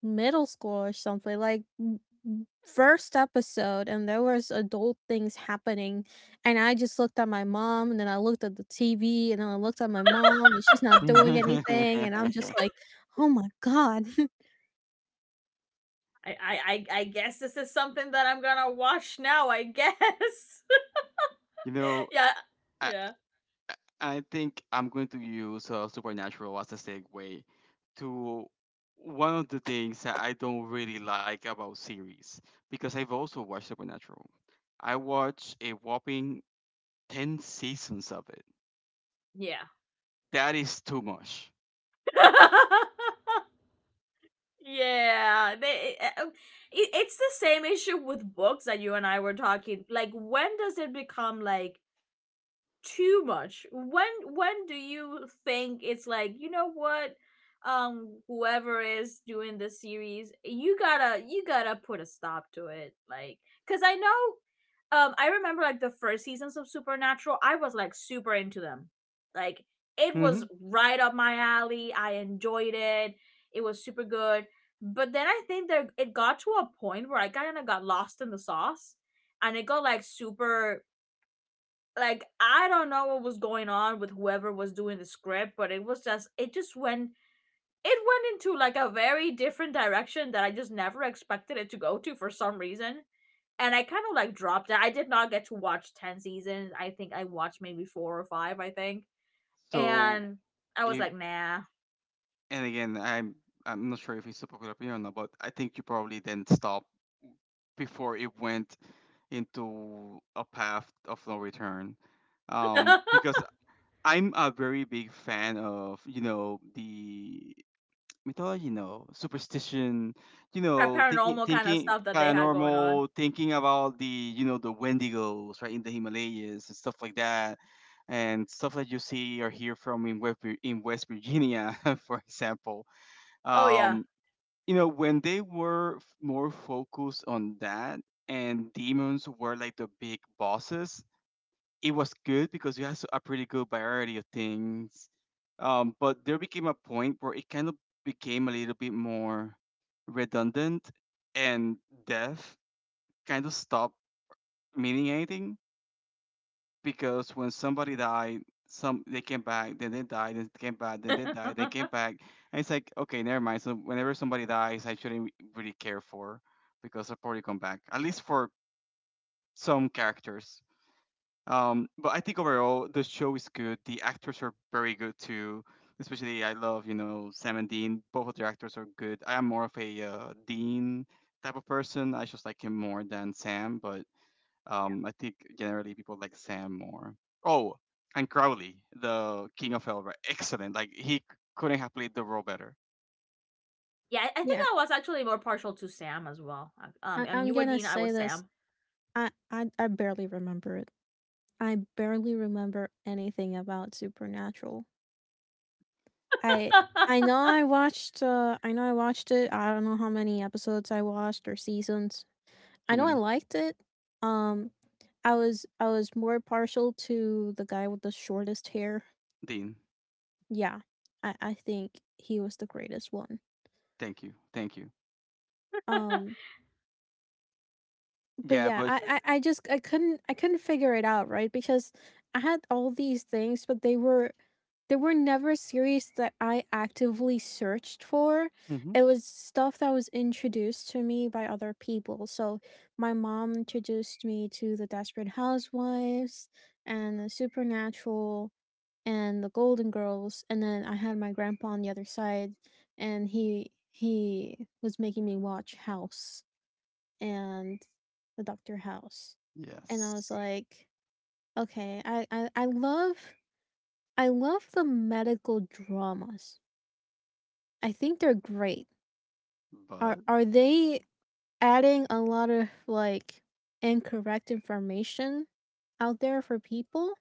Speaker 3: middle school or something, like m- m- first episode, and there was adult things happening, and I just looked at my mom, and then I looked at the T V, and then I looked at my mom, and she's
Speaker 2: [LAUGHS]
Speaker 3: not doing anything, and
Speaker 2: you
Speaker 3: I'm just like, oh my god. [LAUGHS]
Speaker 1: I, I, I, guess this is something that I'm gonna watch now. I guess.
Speaker 2: know,
Speaker 1: [LAUGHS] yeah.
Speaker 2: I,
Speaker 1: Yeah.
Speaker 2: I think I'm going to use uh, Supernatural as a segue to one of the things that I don't really like about series because I've also watched Supernatural. I watched a whopping ten seasons of it.
Speaker 1: Yeah.
Speaker 2: That is too much.
Speaker 1: [LAUGHS] yeah. They. uh, it, it's the same issue with books that you and I were talking. Like, when does it become like too much? When when do you think it's like, you know what, um whoever is doing the series, you gotta you gotta put a stop to it? Like, because I know, um I remember like the first seasons of Supernatural, I was like super into them, like it was
Speaker 2: hmm
Speaker 1: right up my alley. I enjoyed it. It was super good. But then I think that it got to a point where I kind of got lost in the sauce, and it got like super like, I don't know what was going on with whoever was doing the script, but it was just it just went it went into like a very different direction that I just never expected it to go to for some reason. And I kind of like dropped it. I did not get to watch ten seasons. I think I watched maybe four or five, I think.
Speaker 2: So,
Speaker 1: And I was
Speaker 2: it,
Speaker 1: like, nah.
Speaker 2: and again, I'm I'm not sure if it's a popular opinion or not, but I think you probably didn't stop before it went into a path of no return.
Speaker 1: [LAUGHS]
Speaker 2: Um,
Speaker 1: that
Speaker 2: because I'm a very big fan of, you know, the mythology, you know, superstition, you know, thinking,
Speaker 1: paranormal kind of
Speaker 2: thinking
Speaker 1: stuff that they had going on.
Speaker 2: paranormal, thinking about the, you know, the Wendigos, right, in the Himalayas and stuff like that, and stuff that you see or hear from in West, Vir- in West Virginia, [LAUGHS] for example.
Speaker 1: Oh yeah.
Speaker 2: Um, you know, when they were f- more focused on that, and demons were like the big bosses, it was good because you had s- a pretty good variety of things. Um, but there became a point where it kind of became a little bit more redundant, and death kind of stopped meaning anything because when somebody died, some they came back, then they died, then they came back,
Speaker 1: [LAUGHS]
Speaker 2: then
Speaker 1: yeah,
Speaker 2: they died, they came
Speaker 1: I
Speaker 2: back, and it's like, okay, never mind. So whenever somebody dies, I shouldn't really care for because they'll probably come back. At least for some characters. Um, but I think overall the show is good. The actors are very good too. Especially I love, you know, Sam and Dean. Both of their actors are good. I am more of a uh, Dean type of person. I just like him more than Sam, but um, I think generally people like Sam more. Oh, and Crowley, the King of Elva, excellent. Like he c- couldn't have played the role better.
Speaker 1: I think
Speaker 3: Yeah,
Speaker 1: I was actually more partial to Sam as well. Um,
Speaker 3: I-
Speaker 1: I mean
Speaker 3: I'm
Speaker 1: you were
Speaker 3: gonna
Speaker 1: Dean, I
Speaker 3: say
Speaker 1: was
Speaker 3: this,
Speaker 1: Sam.
Speaker 3: I I I barely remember it. I barely remember anything about Supernatural. I I
Speaker 1: [LAUGHS]
Speaker 3: know I watched uh I know I watched it. I don't know how many episodes I watched or seasons. I
Speaker 2: Too
Speaker 3: know I
Speaker 2: many.
Speaker 3: liked it. Um I was I was more partial to the guy with the shortest hair.
Speaker 2: Dean.
Speaker 3: Yeah. I I think he was the greatest one.
Speaker 2: Thank you, thank you.
Speaker 3: Um but
Speaker 2: Yeah,
Speaker 3: yeah,
Speaker 2: but.
Speaker 3: I, I I just I couldn't I couldn't figure it out, right? Because I had all these things, but they were they were never series that I actively searched for.
Speaker 2: Hmm.
Speaker 3: It was stuff that was introduced to me by other people. So my mom introduced me to the Desperate Housewives and the Supernatural and the Golden Girls, and then I had my grandpa on the other side, and he he was making me watch House and the Doctor House. And I was
Speaker 2: Yes,
Speaker 3: like, okay, I, I, I love I love the medical dramas. I think they're great. Are
Speaker 2: but.
Speaker 3: are they adding a lot of like incorrect information out there for people?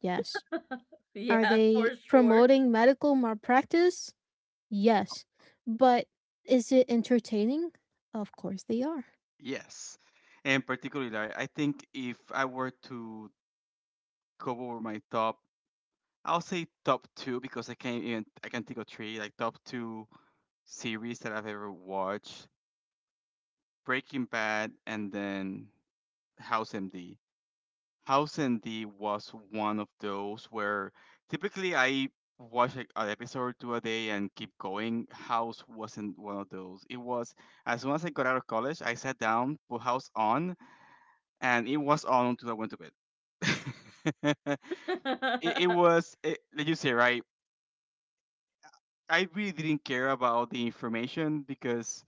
Speaker 3: Yes.
Speaker 1: [LAUGHS]
Speaker 3: Are
Speaker 1: Yeah, for
Speaker 3: they
Speaker 1: sure.
Speaker 3: promoting medical malpractice? Yes. But is it entertaining? Of course they are.
Speaker 2: Yes. And particularly, I I think if I were to go over my top, I'll say top two because I can't even I can not think of three, like top two series that I've ever watched: Breaking Bad and then House M D. House M D was one of those where typically I watch like an episode or two a day and keep going. House wasn't one of those. It was as soon as I got out of college, I sat down, put House on, and it was on until I went to bed. [LAUGHS] it, it
Speaker 1: [LAUGHS]
Speaker 2: was, it, like you say, right? I really didn't care about the information because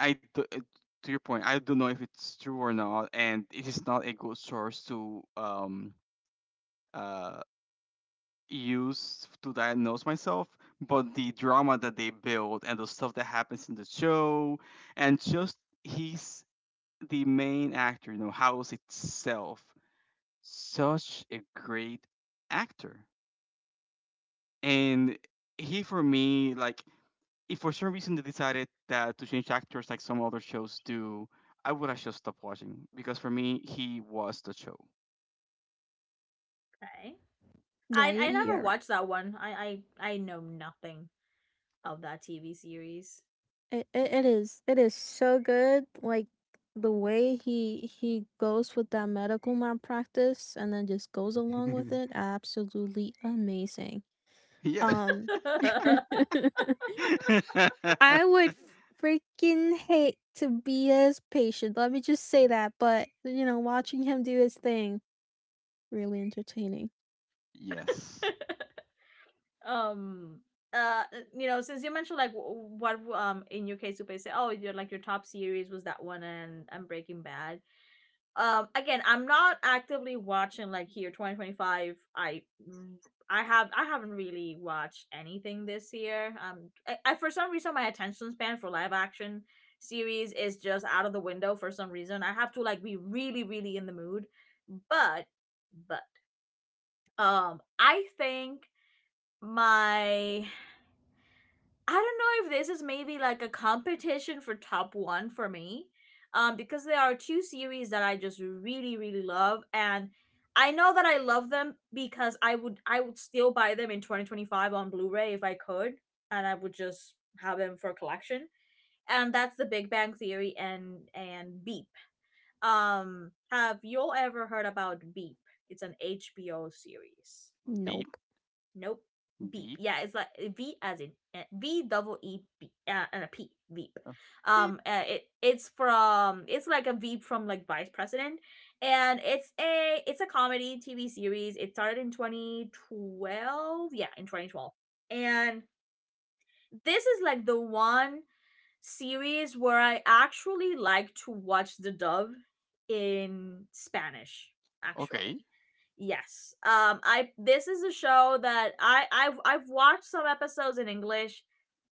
Speaker 2: I, do, uh, to your point, I don't know if it's true or not, and it is not a good source to um uh use to diagnose myself. But the drama that they build and the stuff that happens in the show, and just he's the main actor, you know, House itself, such a great actor. And he, for me, like, if for some reason they decided that to change actors like some other shows do, I would have just stopped watching because for me he was the show.
Speaker 1: Okay.
Speaker 3: Yeah, y-
Speaker 1: I I never
Speaker 3: you're right.
Speaker 1: watched that one. I I I know nothing of that T V series.
Speaker 3: It it it is. It is so good. Like the way he he goes with that medical malpractice and then just goes along with it, absolutely amazing.
Speaker 2: [LAUGHS] Yeah.
Speaker 3: Um [LAUGHS]
Speaker 1: [LAUGHS]
Speaker 3: I
Speaker 2: [LAUGHS]
Speaker 3: would freaking hate to be as patient. Let me just say that, but you know, watching him do his thing, really entertaining.
Speaker 2: Yes.
Speaker 1: um uh you know, since you mentioned like wh- what um in your case you say, oh, your like your top series was that one and and Breaking Bad. Um, again, I'm not actively watching. Like here twenty twenty-five, i I have I haven't really watched anything this year. Um, I, I for some reason my attention span for live action series is just out of the window. For some reason I have to like be really really in the mood. but but um I think my I don't know if this is maybe like a competition for top one for me, um, because there are two series that I just really really love, and I know that I love them because I would I would still buy them in twenty twenty five on Blu Ray if I could, and I would just have them for collection. And that's The Big Bang Theory and and Beep. Um, have you all ever heard about Beep? It's an H B O series.
Speaker 2: Beep.
Speaker 3: Nope.
Speaker 1: Nope. Beep.
Speaker 2: Beep.
Speaker 1: Yeah, it's like eh, V as in uh, V double E B uh, and a P. Veep.
Speaker 2: Oh, beep.
Speaker 1: Um, uh, it it's from it's like a Veep from like Vice President, and it's a it's a comedy T V series. It started in twenty twelve. Yeah, in twenty twelve, and this is like the one series where I actually like to watch the dub in Spanish
Speaker 2: Okay.
Speaker 1: actually. Yes. Um, I, this is a show that I I've I've watched some episodes in English.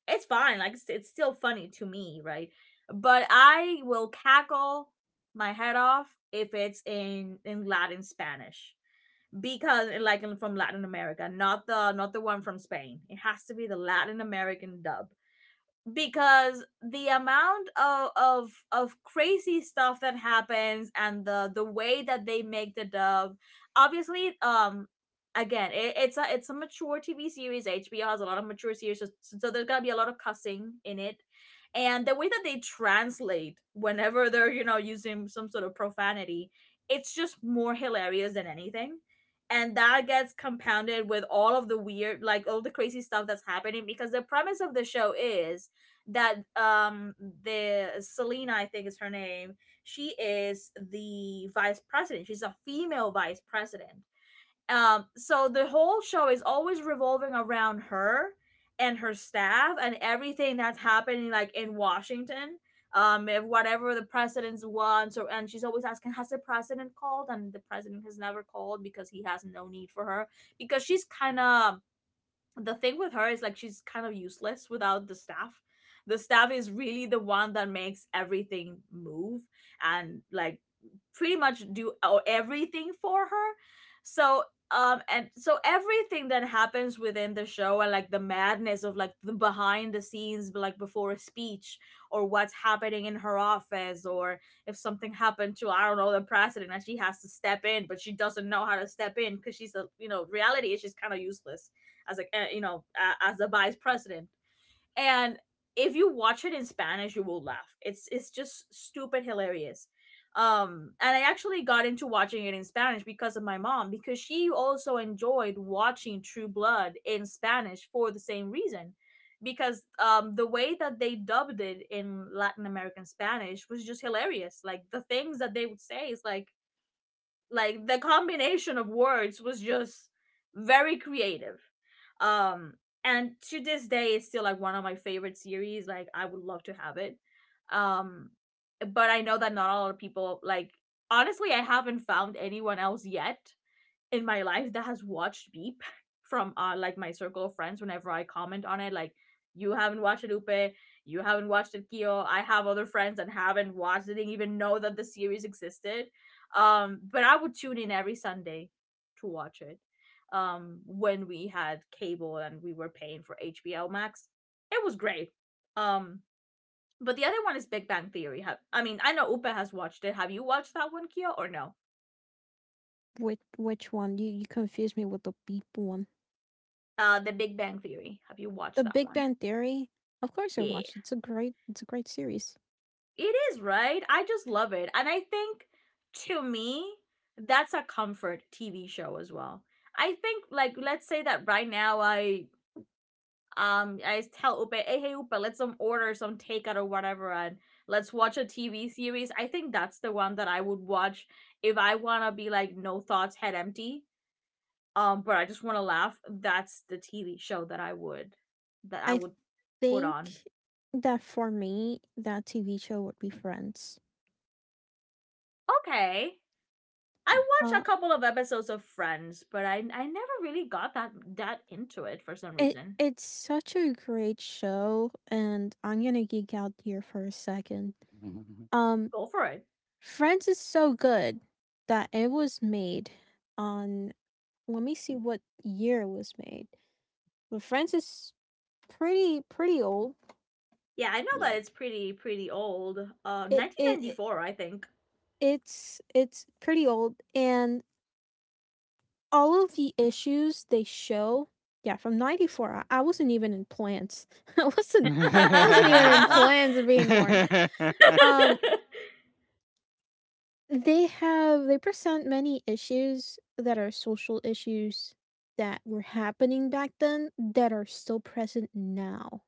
Speaker 1: It's fine. Like it's, it's still funny to me, right? But I will cackle my head off if it's in in Latin Spanish, because like from Latin America, not the not the one from Spain. It has to be the Latin American dub, because the amount of, of of crazy stuff that happens and the the way that they make the dub, obviously. Um again, it, it's a it's a mature TV series. HBO has a lot of mature series, so so there's gonna be a lot of cussing in it, and the way that they translate whenever they're, you know, using some sort of profanity, it's just more hilarious than anything. And that gets compounded with all of the weird, like all the crazy stuff that's happening, because the premise of the show is that, um the Selena, I think is her name. She is the vice president. She's a female vice president. Um, so the whole show is always revolving around her and her staff and everything that's happening like in Washington. Um, if whatever the president wants, or, and she's always asking, has the president called? And the president has never called, because he has no need for her, because she's kind of the thing with her is like she's kind of useless without the staff. The staff is really the one that makes everything move, and like pretty much do o- everything for her. So um and so everything that happens within the show, and like the madness of like the behind the scenes, but like before a speech, or what's happening in her office, or if something happened to, I don't know, the president, and she has to step in, but she doesn't know how to step in, because she's a, you know, reality is, she's kind of useless as like, eh, you know, a- as the vice president. And if you watch it in Spanish, you will laugh. It's it's just stupid hilarious. Um, and I actually got into watching it in Spanish because of my mom, because she also enjoyed watching True Blood in Spanish for the same reason. Because um, the way that they dubbed it in Latin American Spanish was just hilarious. Like the things that they would say is like, like the combination of words was just very creative. um and to this day it's still like one of my favorite series. Like I would love to have it. um but I know that not a lot of people, like, honestly, I haven't found anyone else yet in my life that has watched Beep from uh like my circle of friends. Whenever I comment on it, like, you haven't watched it, Upe? You haven't watched it, Kyo? I have other friends that haven't watched it, didn't even know that the series existed. Um but I would tune in every Sunday to watch it um when we had cable and we were paying for H B O Max. It was great. um but the other one is Big Bang Theory. Have, I mean, I know Upe has watched it. Have you watched that one, Kyo, or no?
Speaker 3: Which which one? You you confused me with the beep one.
Speaker 1: uh The Big Bang Theory, have you
Speaker 3: The
Speaker 1: watched that
Speaker 3: Big
Speaker 1: one?
Speaker 3: Bang Theory? Of course I
Speaker 1: Yeah.
Speaker 3: watched. It's a great it's a great series.
Speaker 1: It is, right? I just love it. And I think, to me, that's a comfort T V show as well. I think, like, let's say that right now I, um I tell Upe, hey, hey Upe, let's um order some takeout or whatever and let's watch a T V series. I think that's the one that I would watch if I wanna be like no thoughts, head empty. Um, but I just wanna laugh. That's the T V show that I would that I
Speaker 3: I
Speaker 1: would put on.
Speaker 3: think that for me, that T V show would be Friends.
Speaker 1: Okay. I watched
Speaker 3: Uh,
Speaker 1: a couple of episodes of Friends, but I I never really got that that into it for some
Speaker 3: it
Speaker 1: reason.
Speaker 3: it's such a great show, and I'm gonna geek out here for a second.
Speaker 2: [LAUGHS]
Speaker 3: Um,
Speaker 1: Go for it.
Speaker 3: Friends is so good that it was made on, let me see what year it was made. But Friends is pretty pretty old.
Speaker 1: Yeah, I know that
Speaker 2: Yeah.
Speaker 1: it's pretty pretty old. Uh,
Speaker 3: It it, it
Speaker 1: nineteen ninety-four, I think.
Speaker 3: it's it's pretty old, and all of the issues they show, yeah, from ninety four I, I wasn't even in plans. [LAUGHS] I
Speaker 2: [LAUGHS]
Speaker 3: wasn't I
Speaker 2: Yeah.
Speaker 3: wasn't
Speaker 1: [LAUGHS]
Speaker 3: even in plans of being born. Um They have they present many issues that are social issues that were happening back then that are still present now.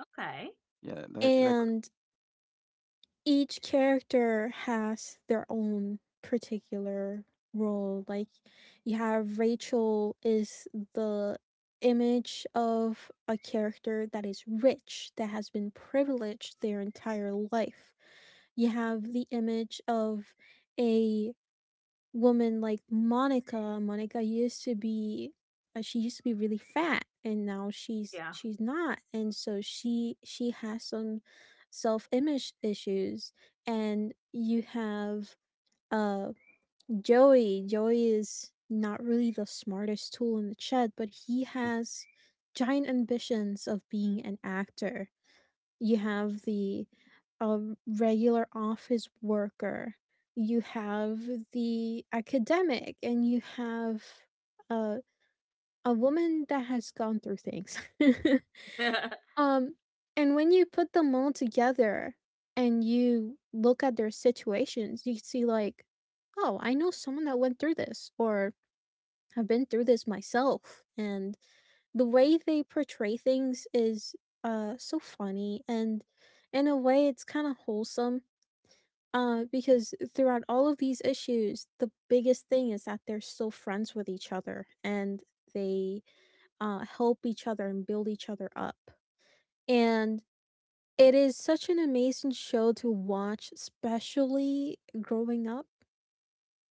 Speaker 1: Okay.
Speaker 2: That, that, that
Speaker 3: And each character has their own particular role. Like you have Rachel is the image of a character that is rich, that has been privileged their entire life. You have the image of a woman like Monica. Monica used to be uh, she used to be really fat, and now she's
Speaker 1: Yeah.
Speaker 3: she's not, and so she she has some self-image issues, and you have uh Joey. Joey is not really the smartest tool in the shed, but he has giant ambitions of being an actor. You have the um, regular office worker, you have the academic, and you have uh, a woman that has gone through things. [LAUGHS]
Speaker 1: [LAUGHS]
Speaker 3: Um, and when you put them all together and you look at their situations, you see, like, oh, I know someone that went through this, or I've been through this myself, and the way they portray things is uh so funny, and in a way it's kind of wholesome, uh because throughout all of these issues the biggest thing is that they're still friends with each other, and they uh help each other and build each other up, and it is such an amazing show to watch, especially growing up,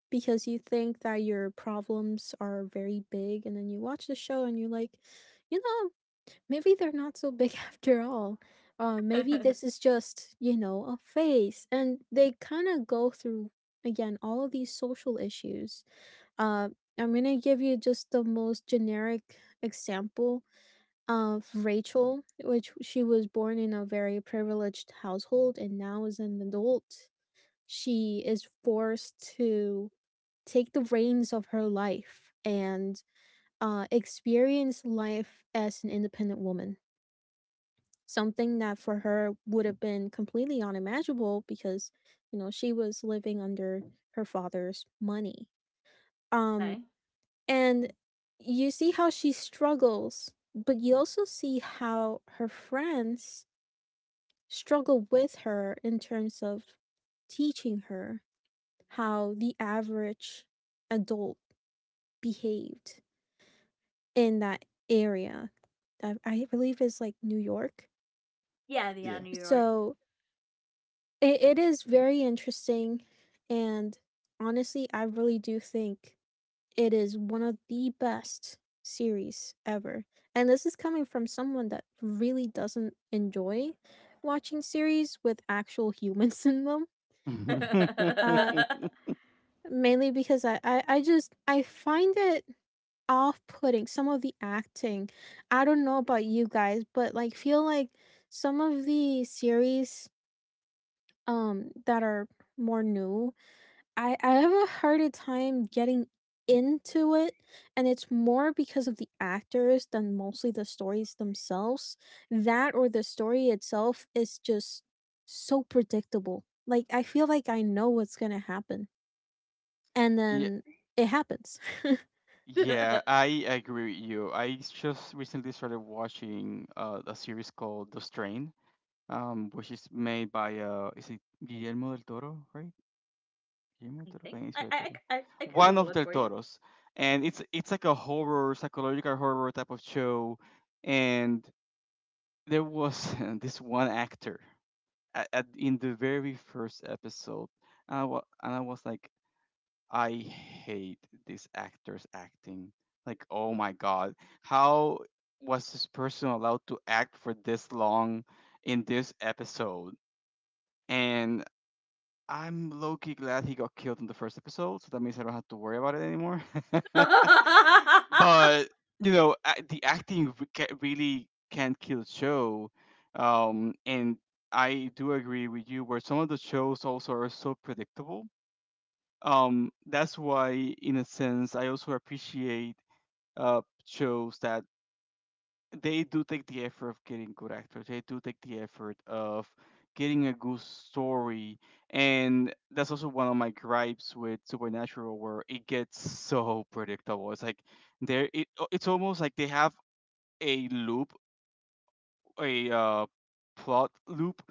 Speaker 3: because you think that your problems are very big, and then you watch the show and you're like, you know, maybe they're not so big [LAUGHS] after all. Uh, maybe
Speaker 1: Okay.
Speaker 3: this is just, you know, a phase. And they kind of go through, again, all of these social issues. Uh, I'm going to give you just the most generic example of Rachel, which she was born in a very privileged household and now is an adult. She is forced to take the reins of her life and, uh, experience life as an independent woman. Something that for her would have been completely unimaginable because, you know, she was living under her father's money. Um, and you see how she struggles, but you also see how her friends struggle with her in terms of teaching her how the average adult behaved in that area. I I believe it's, like, New York.
Speaker 1: Yeah, the yeah,
Speaker 2: Yeah.
Speaker 1: New York.
Speaker 3: So, it it is very interesting, and honestly, I really do think it is one of the best series ever, and this is coming from someone that really doesn't enjoy watching series with actual [LAUGHS] humans in them,
Speaker 1: [LAUGHS]
Speaker 3: uh,
Speaker 2: [LAUGHS]
Speaker 1: I
Speaker 3: mainly because I I I just I find it off-putting, some of the acting. I don't know about you guys, but like feel like some of the series um that are more new, I I have a harder time getting into it, and it's more because of the actors than mostly the stories themselves. That, or the story itself is just so predictable. Like I feel like I know what's going to happen, and
Speaker 2: Yeah.
Speaker 3: then it happens.
Speaker 2: Yeah, I agree with you. I just recently started watching uh, a series called The Strain, um, which is made by uh, is it Guillermo del Toro, right? Guillermo del Toro,
Speaker 1: think I
Speaker 2: Benicio del
Speaker 1: I
Speaker 2: Toro,
Speaker 1: I I I can
Speaker 2: one
Speaker 1: Google
Speaker 2: of
Speaker 1: it
Speaker 2: del
Speaker 1: for you.
Speaker 2: Toros, and it's it's like a horror, psychological horror type of show, and there was [LAUGHS] this one actor at, at, in the very first episode, and I, wa- and I was like, I hate these actors acting. Like, oh my god, how was this person allowed to act for this long in this episode? And I'm low key glad he got killed in the first episode, so that means I don't have to worry about it anymore. [LAUGHS] But, you know, a- the acting re- ca- really can kill a show. Um, and I do agree with you, where some of the shows also are so predictable, um that's why in a sense I also appreciate uh shows that they do take the effort of getting good actors, they do take the effort of getting a good story. And that's also one of my gripes with Supernatural, where it gets so predictable. It's like there it, it's almost like they have a loop, a uh, plot loop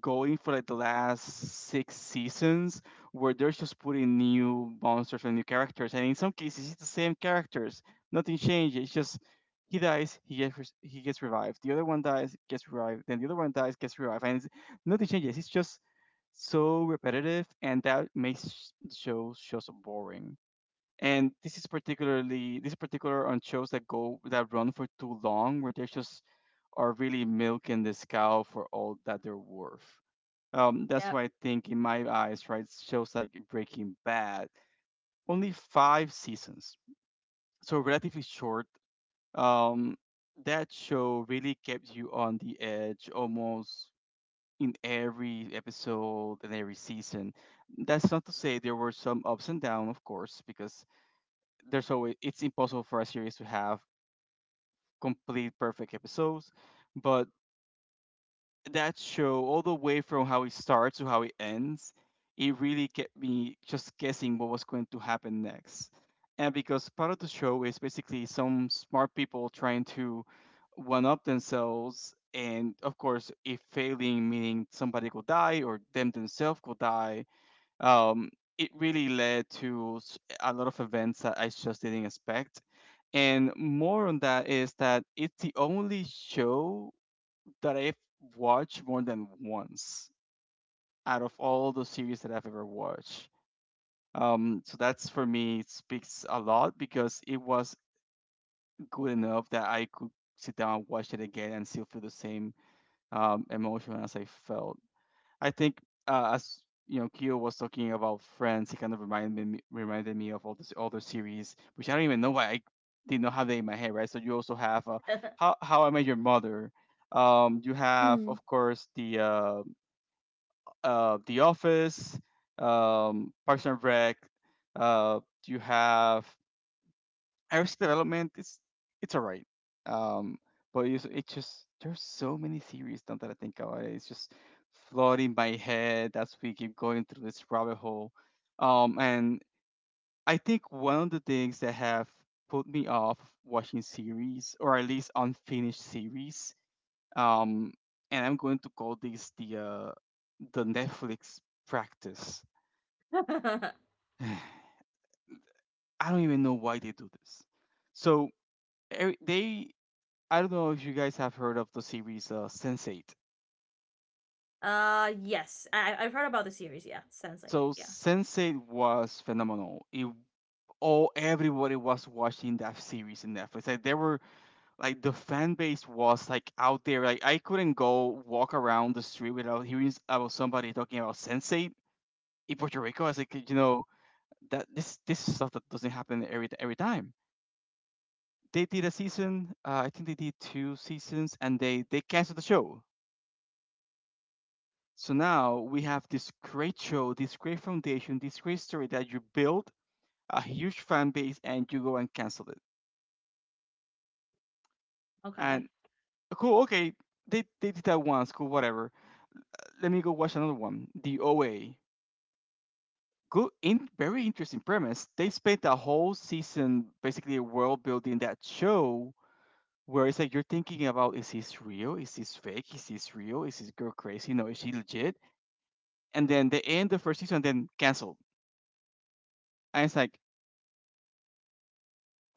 Speaker 2: going for like the last six seasons, where they're just putting new monsters and new characters, and in some cases it's the same characters. Nothing changes. It's just he dies, he gets res- he gets revived, the other one dies, gets revived, then the other one dies, gets revived, and it's, nothing changes. It's just so repetitive, and that makes sh- the show show so boring. And this is particularly this is particular on shows that go that run for too long, where they just are really milking this cow for all that they're worth. Um, that's why I think, in my eyes, right, shows like Breaking Bad, only five seasons, so relatively short. um, that show really kept you on the edge almost in every episode and every season. That's not to say there were some ups and downs, of course, because there's always it's impossible for a series to have complete perfect episodes. But that show, all the way from how it starts to how it ends, it really kept me just guessing what was going to happen next. And because part of the show is basically some smart people trying to one up themselves and, of course, if failing, meaning somebody could die or them themselves could die. um, it really led to s- a lot of events that I just didn't expect. And more on that is that it's the only show that I've watched more than once out of all the series that I've ever watched. Um, so that's, for me, it speaks a lot because it was good enough that I could sit down, watch it again, and still feel the same um, emotion as I felt. I think, uh, as you know, Kyo was talking about Friends. He kind of reminded me reminded me of all this other series, which I don't even know why I did not have that in my head, right? So you also have uh, How How I Met Your Mother. Um, you
Speaker 3: [LAUGHS]
Speaker 2: have,
Speaker 3: Mm,
Speaker 2: of course, the uh, uh, The Office, um, Parks and Rec. Uh, you have Arrested Development, is it's alright. Um, but it's, it just there's so many series now that I think about it. It's just flooding my head as we keep going through this rabbit hole. Um, and I think one of the things that have put me off watching series, or at least unfinished series. Um, and I'm going to call this the uh, the Netflix practice.
Speaker 1: [LAUGHS] Yep. [LAUGHS]
Speaker 2: [SIGHS] I don't even know why they do this. So every, they I don't know if you guys have heard of the series uh, sense eight.
Speaker 1: Uh, yes, I I've heard about the series. Yeah, sounds like,
Speaker 2: So
Speaker 1: yeah.
Speaker 2: sense eight was phenomenal. It all everybody was watching that series in Netflix. Like there were like the fan base was like out there. Like, I couldn't go walk around the street without hearing about somebody talking about sense eight in Puerto Rico. I was like, you know, that this this is stuff that doesn't happen every every time. They did a season. Uh, I think they did two seasons, and they they canceled the show. So now we have this great show, this great foundation, this great story that you built a huge fan base and you go and cancel it.
Speaker 1: Okay.
Speaker 2: And cool, okay, they, they did that once, cool, whatever. Let me go watch another one, The O A. Good, in, very interesting premise. They spent the whole season basically world building that show, where it's like you're thinking about, is this real? Is this fake? Is this real? Is this girl crazy? No, is she legit? And then they end the first season and then cancel. And it's like,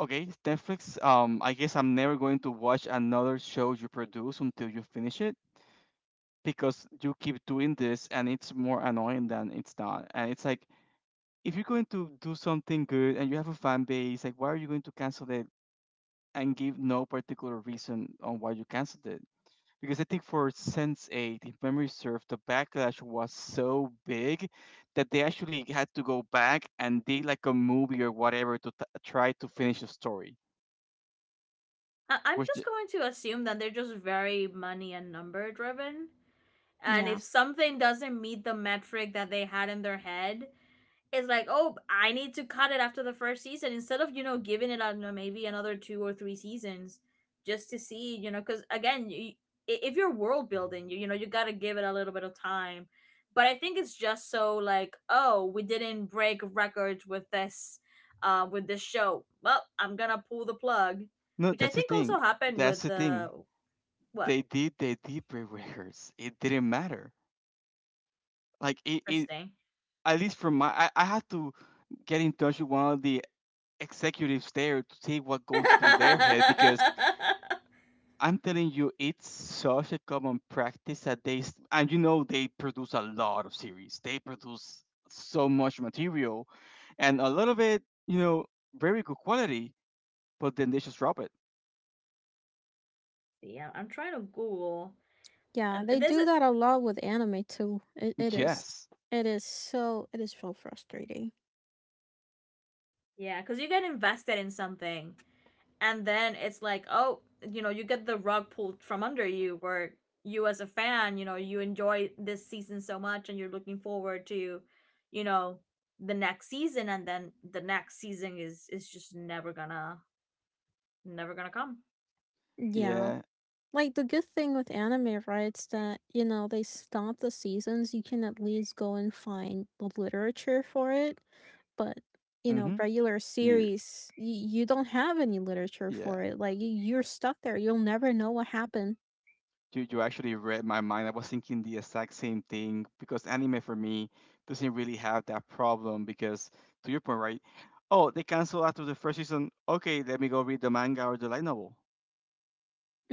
Speaker 2: okay, Netflix. Um, I guess I'm never going to watch another show you produce until you finish it because you keep doing this and it's more annoying than it's not. And it's like, if you're going to do something good and you have a fan base, like, why are you going to cancel it and give no particular reason on why you canceled it? Because I think for sense eight, if memory serves, the backlash was so big that they actually had to go back and did like a movie or whatever to t- try to finish the story.
Speaker 1: I- I'm
Speaker 2: Which
Speaker 1: just going to assume that they're just very money and number driven. And if
Speaker 3: yeah.
Speaker 1: something doesn't meet the metric that they had in their head, it's like, oh, I need to cut it after the first season instead of, you know, giving it on uh, maybe another two or three seasons just to see, you know, because again, you, i- if you're world building, you, you know, you got to give it a little bit of time. But I think it's just so like, oh, we didn't break records with this, uh, with this show. Well, I'm going to pull the plug,
Speaker 2: No,
Speaker 1: which I
Speaker 2: that's the
Speaker 1: think
Speaker 2: thing.
Speaker 1: also happened
Speaker 2: That's
Speaker 1: with
Speaker 2: the
Speaker 1: the
Speaker 2: thing.
Speaker 1: what?
Speaker 2: They did their deep rehearse. It didn't matter. Like it, it
Speaker 1: Interesting.
Speaker 2: at least from my I, I had to get in touch with one of the executives there to see what
Speaker 1: [LAUGHS]
Speaker 2: goes through their head
Speaker 1: Yeah,
Speaker 2: because I'm telling you, it's such a common practice that they s- and, you know, they produce a lot of series. They produce so much material and a lot of it, you know, very good quality, but then they just drop it.
Speaker 1: I'm trying to Google,
Speaker 3: Yeah,
Speaker 1: and
Speaker 3: they
Speaker 1: there's
Speaker 3: do
Speaker 1: a
Speaker 3: that a lot with anime too. It it is.
Speaker 2: Yes.
Speaker 3: It is so it is so frustrating.
Speaker 1: yeah, because you get invested in something, and then it's like, oh, you know, you get the rug pulled from under you, where you, as a fan, you know, you enjoy this season so much, and you're looking forward to, you know, the next season, and then the next season is is just never gonna never gonna come.
Speaker 3: Yeah.
Speaker 2: Yeah.
Speaker 3: Like the good thing with anime, right, is that, you know, they stop the seasons. You can at least go and find the literature for it. But, you know,
Speaker 2: Mhm.
Speaker 3: regular
Speaker 2: You
Speaker 3: series, y- you don't have any literature
Speaker 2: Yeah.
Speaker 3: for it. Like, y- you're stuck there. You'll never know what happened.
Speaker 2: You, you actually read my mind. I was thinking the exact same thing because anime for me doesn't really have that problem because, to your point, right? Oh, they cancel after the first season. Okay, let me go read the manga or the light novel.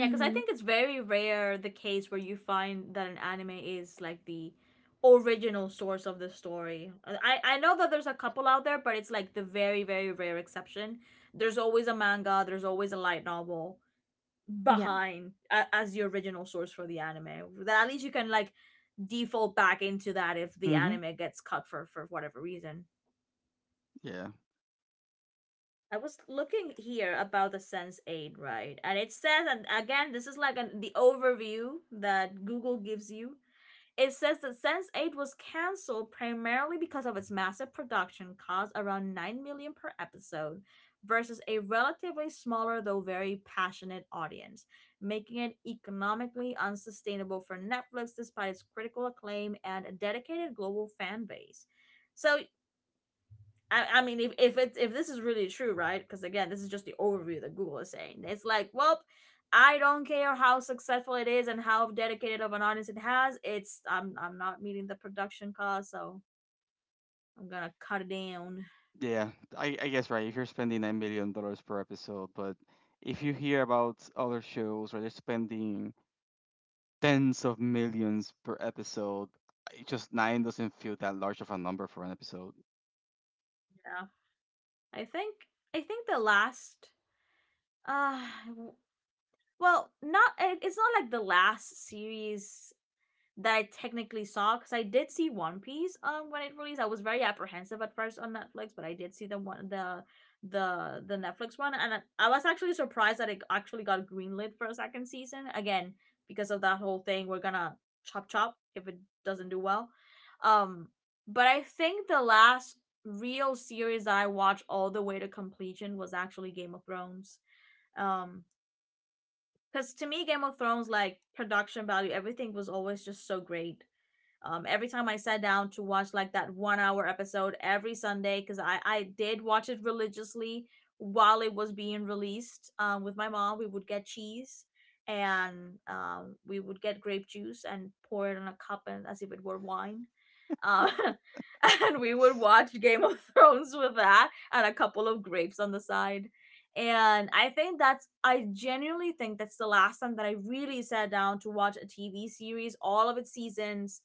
Speaker 1: Yeah, because I think it's very rare the case where you find that an anime is like the original source of the story. Uh, I I know that there's a couple out there, but it's like the very very rare exception. There's always a manga. There's always a light novel
Speaker 3: Yeah.
Speaker 1: behind a, as the original source for the anime. That at least you can, like, default back into that if the
Speaker 2: Mm-hmm.
Speaker 1: anime gets cut for for whatever reason.
Speaker 2: Yeah.
Speaker 1: I was looking here about the Sense Eight, right? And it says, and again, this is like an, the overview that Google gives you. It says that Sense Eight was canceled primarily because of its massive production cost, around nine million dollars per episode, versus a relatively smaller though very passionate audience, making it economically unsustainable for Netflix despite its critical acclaim and a dedicated global fan base. So I, I mean, if if it's if this is really true, right? Because again, this is just the overview that Google is saying. It's like, well, I don't care how successful it is and how dedicated of an audience it has. It's I'm I'm not meeting the production cost, so I'm gonna cut it down.
Speaker 2: Yeah. I, I guess, right, if you're spending nine million dollars per episode, but if you hear about other shows where they're spending tens of millions per episode, I- just nine doesn't feel that large of a number for an episode.
Speaker 1: Yeah. I think I think the last, uh, well, not it's not like the last series that I technically saw, because I did see One Piece um when it released. I was very apprehensive at first on Netflix, but I did see the one, the the the Netflix one, and I, I was actually surprised that it actually got greenlit for a second season again because of that whole thing. We're gonna chop chop if it doesn't do well. Um, but I think the last real series that I watched all the way to completion was actually Game of Thrones. Um, because to me, Game of Thrones, like production value, everything was always just so great. Um, every time I sat down to watch like that one hour episode every Sunday, because I, I did watch it religiously while it was being released um, with my mom, we would get cheese and um, we would get grape juice and pour it in a cup and as if it were wine. Um, [LAUGHS] and we would watch Game of [LAUGHS] Thrones with that and a couple of grapes on the side. And I think that's, I genuinely think that's the last time that I really sat down to watch a T V series, all of its seasons,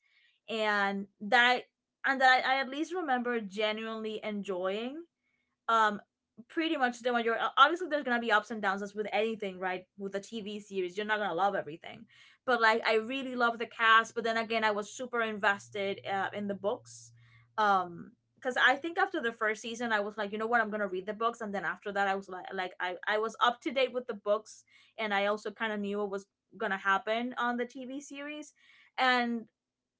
Speaker 1: and that I, and that I, I at least remember genuinely enjoying um pretty much the majority. Obviously there's gonna be ups and downs, as with anything, right? With a TV series you're not gonna love everything, but, like, I really love the cast. But then again, I was super invested uh, in the books, um because I think after the first season I was like, you know what, I'm gonna read the books. And then after that I was like, like i, I was up to date with the books, and I also kind of knew what was gonna happen on the TV series. And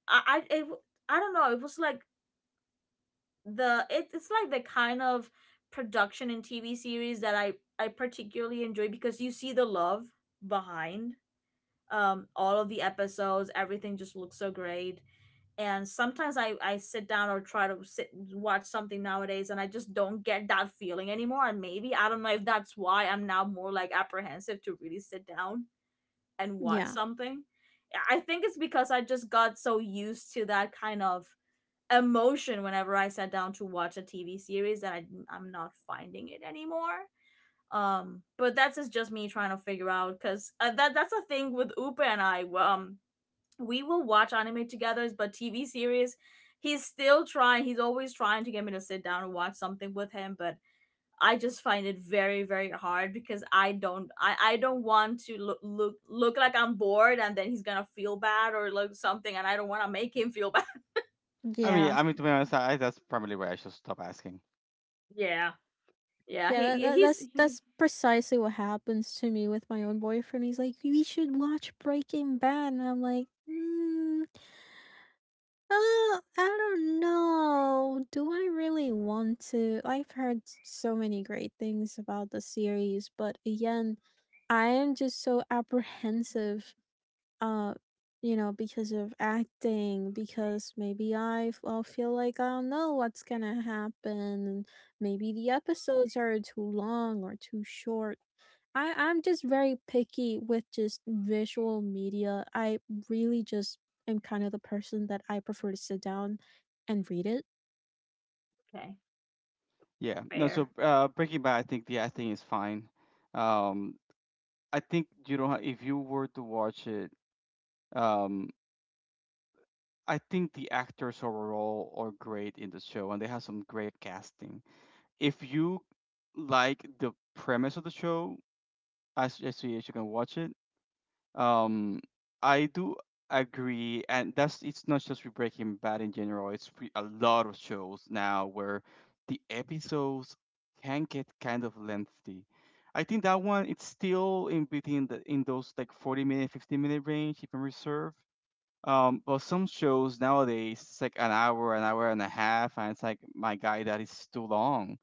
Speaker 1: I I it, I don't know, it was like the it's it's like the kind of production in T V series that I I particularly enjoy, because you see the love behind um all of the episodes. Everything just looks so great. And sometimes I I sit down or try to sit watch something nowadays and I just don't get that feeling anymore. And maybe, I don't know if that's why I'm now more, like, apprehensive to really sit down and watch
Speaker 3: Yeah.
Speaker 1: something. I I think it's because I just got so used to that kind of emotion whenever I sat down to watch a T V series, that I, I'm not finding it anymore. Um, but that's just- just me trying to figure out. Because uh, that that's the thing with Upa and I. Um, we will watch anime together, but T V series, he's still trying. He's always trying to get me to sit down and watch something with him, but I just find it very very hard because I don't I, I don't want to look, look look like I'm bored and then he's gonna feel bad or like something, and I don't want to make him feel [LAUGHS] bad.
Speaker 2: I mean,
Speaker 3: Yeah.
Speaker 2: I mean to be honest, I, that's probably why I should stop asking.
Speaker 1: Yeah. Yeah,
Speaker 3: Yeah, that,
Speaker 1: he yeah,
Speaker 3: that
Speaker 1: he's
Speaker 3: that's
Speaker 1: he,
Speaker 3: that's precisely what happens to me with my own boyfriend. He's like, "We should watch Breaking Bad," and I'm like, mm, uh, "I don't know. Do I really want to?" I've heard so many great things about the series, but again, I am just so apprehensive, uh you know, because of acting, because maybe i f- I'll feel like I don't know what's gonna happen, and maybe the episodes are too long or too short. I i'm just very picky with just visual media. I really just am kind of the person that I prefer to sit down and read it.
Speaker 1: okay,
Speaker 2: Yeah. No. So,
Speaker 1: fair.
Speaker 2: uh, Breaking Bad, I think the acting is fine. Um, I think, you know, if you were to watch it, um, I think the actors overall are great in the show, and they have some great casting. If you like the premise of the show, I suggest you you can watch it. Um, I do agree, and that's it's not just with Breaking Bad in general. It's with a lot of shows now where the episodes can get kind of lengthy. I think that one, it's still in between the in those like forty minute, fifty minute range, if I'm reserved. Um, but some shows nowadays, it's like an hour, an hour and a half, and it's like, my guy, that is too long.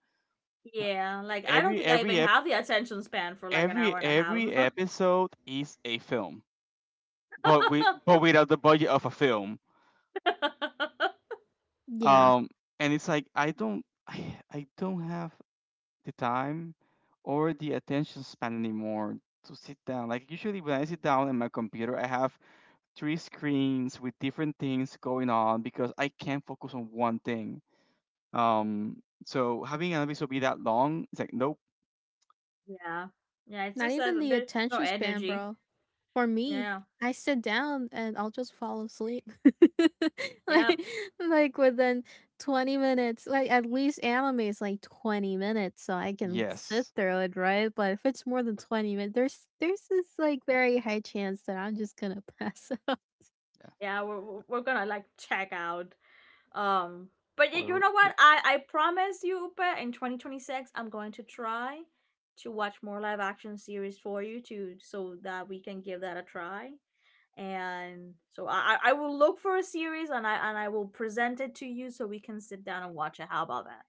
Speaker 1: Yeah, like I don't
Speaker 2: Every
Speaker 1: think I
Speaker 2: every
Speaker 1: even
Speaker 2: ep-
Speaker 1: have the attention span for like an
Speaker 2: every
Speaker 1: hour and a half.
Speaker 2: every episode is a film, but we but
Speaker 1: [LAUGHS]
Speaker 2: without the budget of a film.
Speaker 3: Yeah.
Speaker 2: Um, and it's like I don't [SIGHS] I don't have the time or the attention span anymore to sit down. Like, usually when I sit down at my computer, I have three screens with different things going on because I can't focus on one thing. Um, so having an episode be that long, it's like, nope.
Speaker 1: Yeah. Yeah, it's
Speaker 3: Not
Speaker 1: just
Speaker 3: even
Speaker 1: that
Speaker 3: the
Speaker 1: there's no
Speaker 3: attention span,
Speaker 1: energy.
Speaker 3: bro. For me,
Speaker 1: Yeah.
Speaker 3: I sit down and I'll just fall asleep. [LAUGHS]
Speaker 1: Yep.
Speaker 3: like like within twenty minutes. Like at least anime is like twenty minutes, so I can sit
Speaker 2: Yes.
Speaker 3: through it, right? But if it's more than twenty minutes, there's there's this like very high chance that I'm just going to pass [LAUGHS] out.
Speaker 2: Yeah.
Speaker 1: Yeah, we're we're we're gonna like check out. Um but y- you
Speaker 2: we're,
Speaker 1: know
Speaker 2: we're-
Speaker 1: what? I I promise you, Upa, in twenty twenty-six I'm going to try to watch more live action series for you to, so that we can give that a try. And so I I will look for a series and I and I will present it to you so we can sit down and watch it. How about that?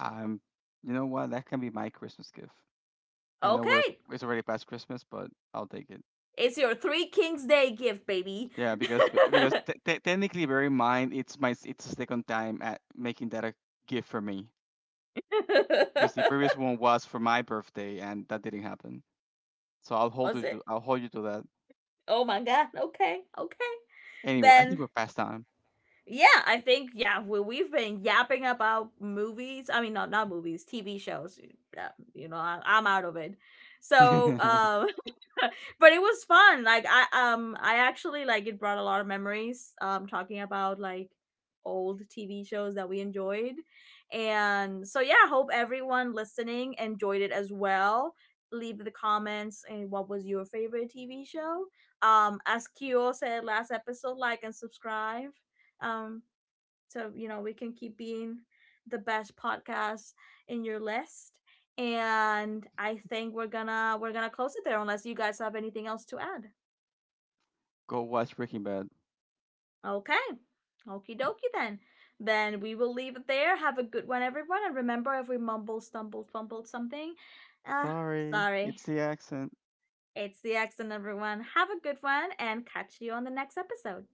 Speaker 2: I'm. You know what? That can be my Christmas gift. I know we're
Speaker 1: Okay,
Speaker 2: it's already past Christmas, but I'll take it.
Speaker 1: it's your Three Kings Day gift, baby.
Speaker 2: Yeah, because b-
Speaker 1: [LAUGHS]
Speaker 2: because te- te- technically, bear in mind, it's my s- it's the second time at making that a gift for me. Because the previous one was for my birthday, and that didn't happen. So I'll hold
Speaker 1: Was
Speaker 2: you,
Speaker 1: it?
Speaker 2: to- I'll hold you to that.
Speaker 1: Oh my god. Okay, okay.
Speaker 2: Anyway, I think
Speaker 1: Then,
Speaker 2: we're past time.
Speaker 1: yeah, I think, yeah, we we've been yapping about movies. I mean, not not movies, T V shows. Yeah, you know, I, I'm out of it. So, um,
Speaker 2: [LAUGHS]
Speaker 1: [LAUGHS] but it was fun. Like I, um I actually, like, it brought a lot of memories. Um, talking about like old T V shows that we enjoyed, and so yeah, hope everyone listening enjoyed it as well. Leave the comments and what was your favorite T V show. Um, as Kyo said last episode, like and subscribe, um, so you know we can keep being the best podcast in your list. And I think we're gonna we're gonna close it there unless you guys have anything else to add.
Speaker 2: Go watch Breaking Bad.
Speaker 1: Okay. Okie dokie then. Then we will leave it there. Have a good one, everyone. And remember, if we mumble, stumble, fumbled something, uh,
Speaker 2: Sorry,
Speaker 1: sorry.
Speaker 2: it's the accent.
Speaker 1: It's the accent, everyone. Have a good one and catch you on the next episode.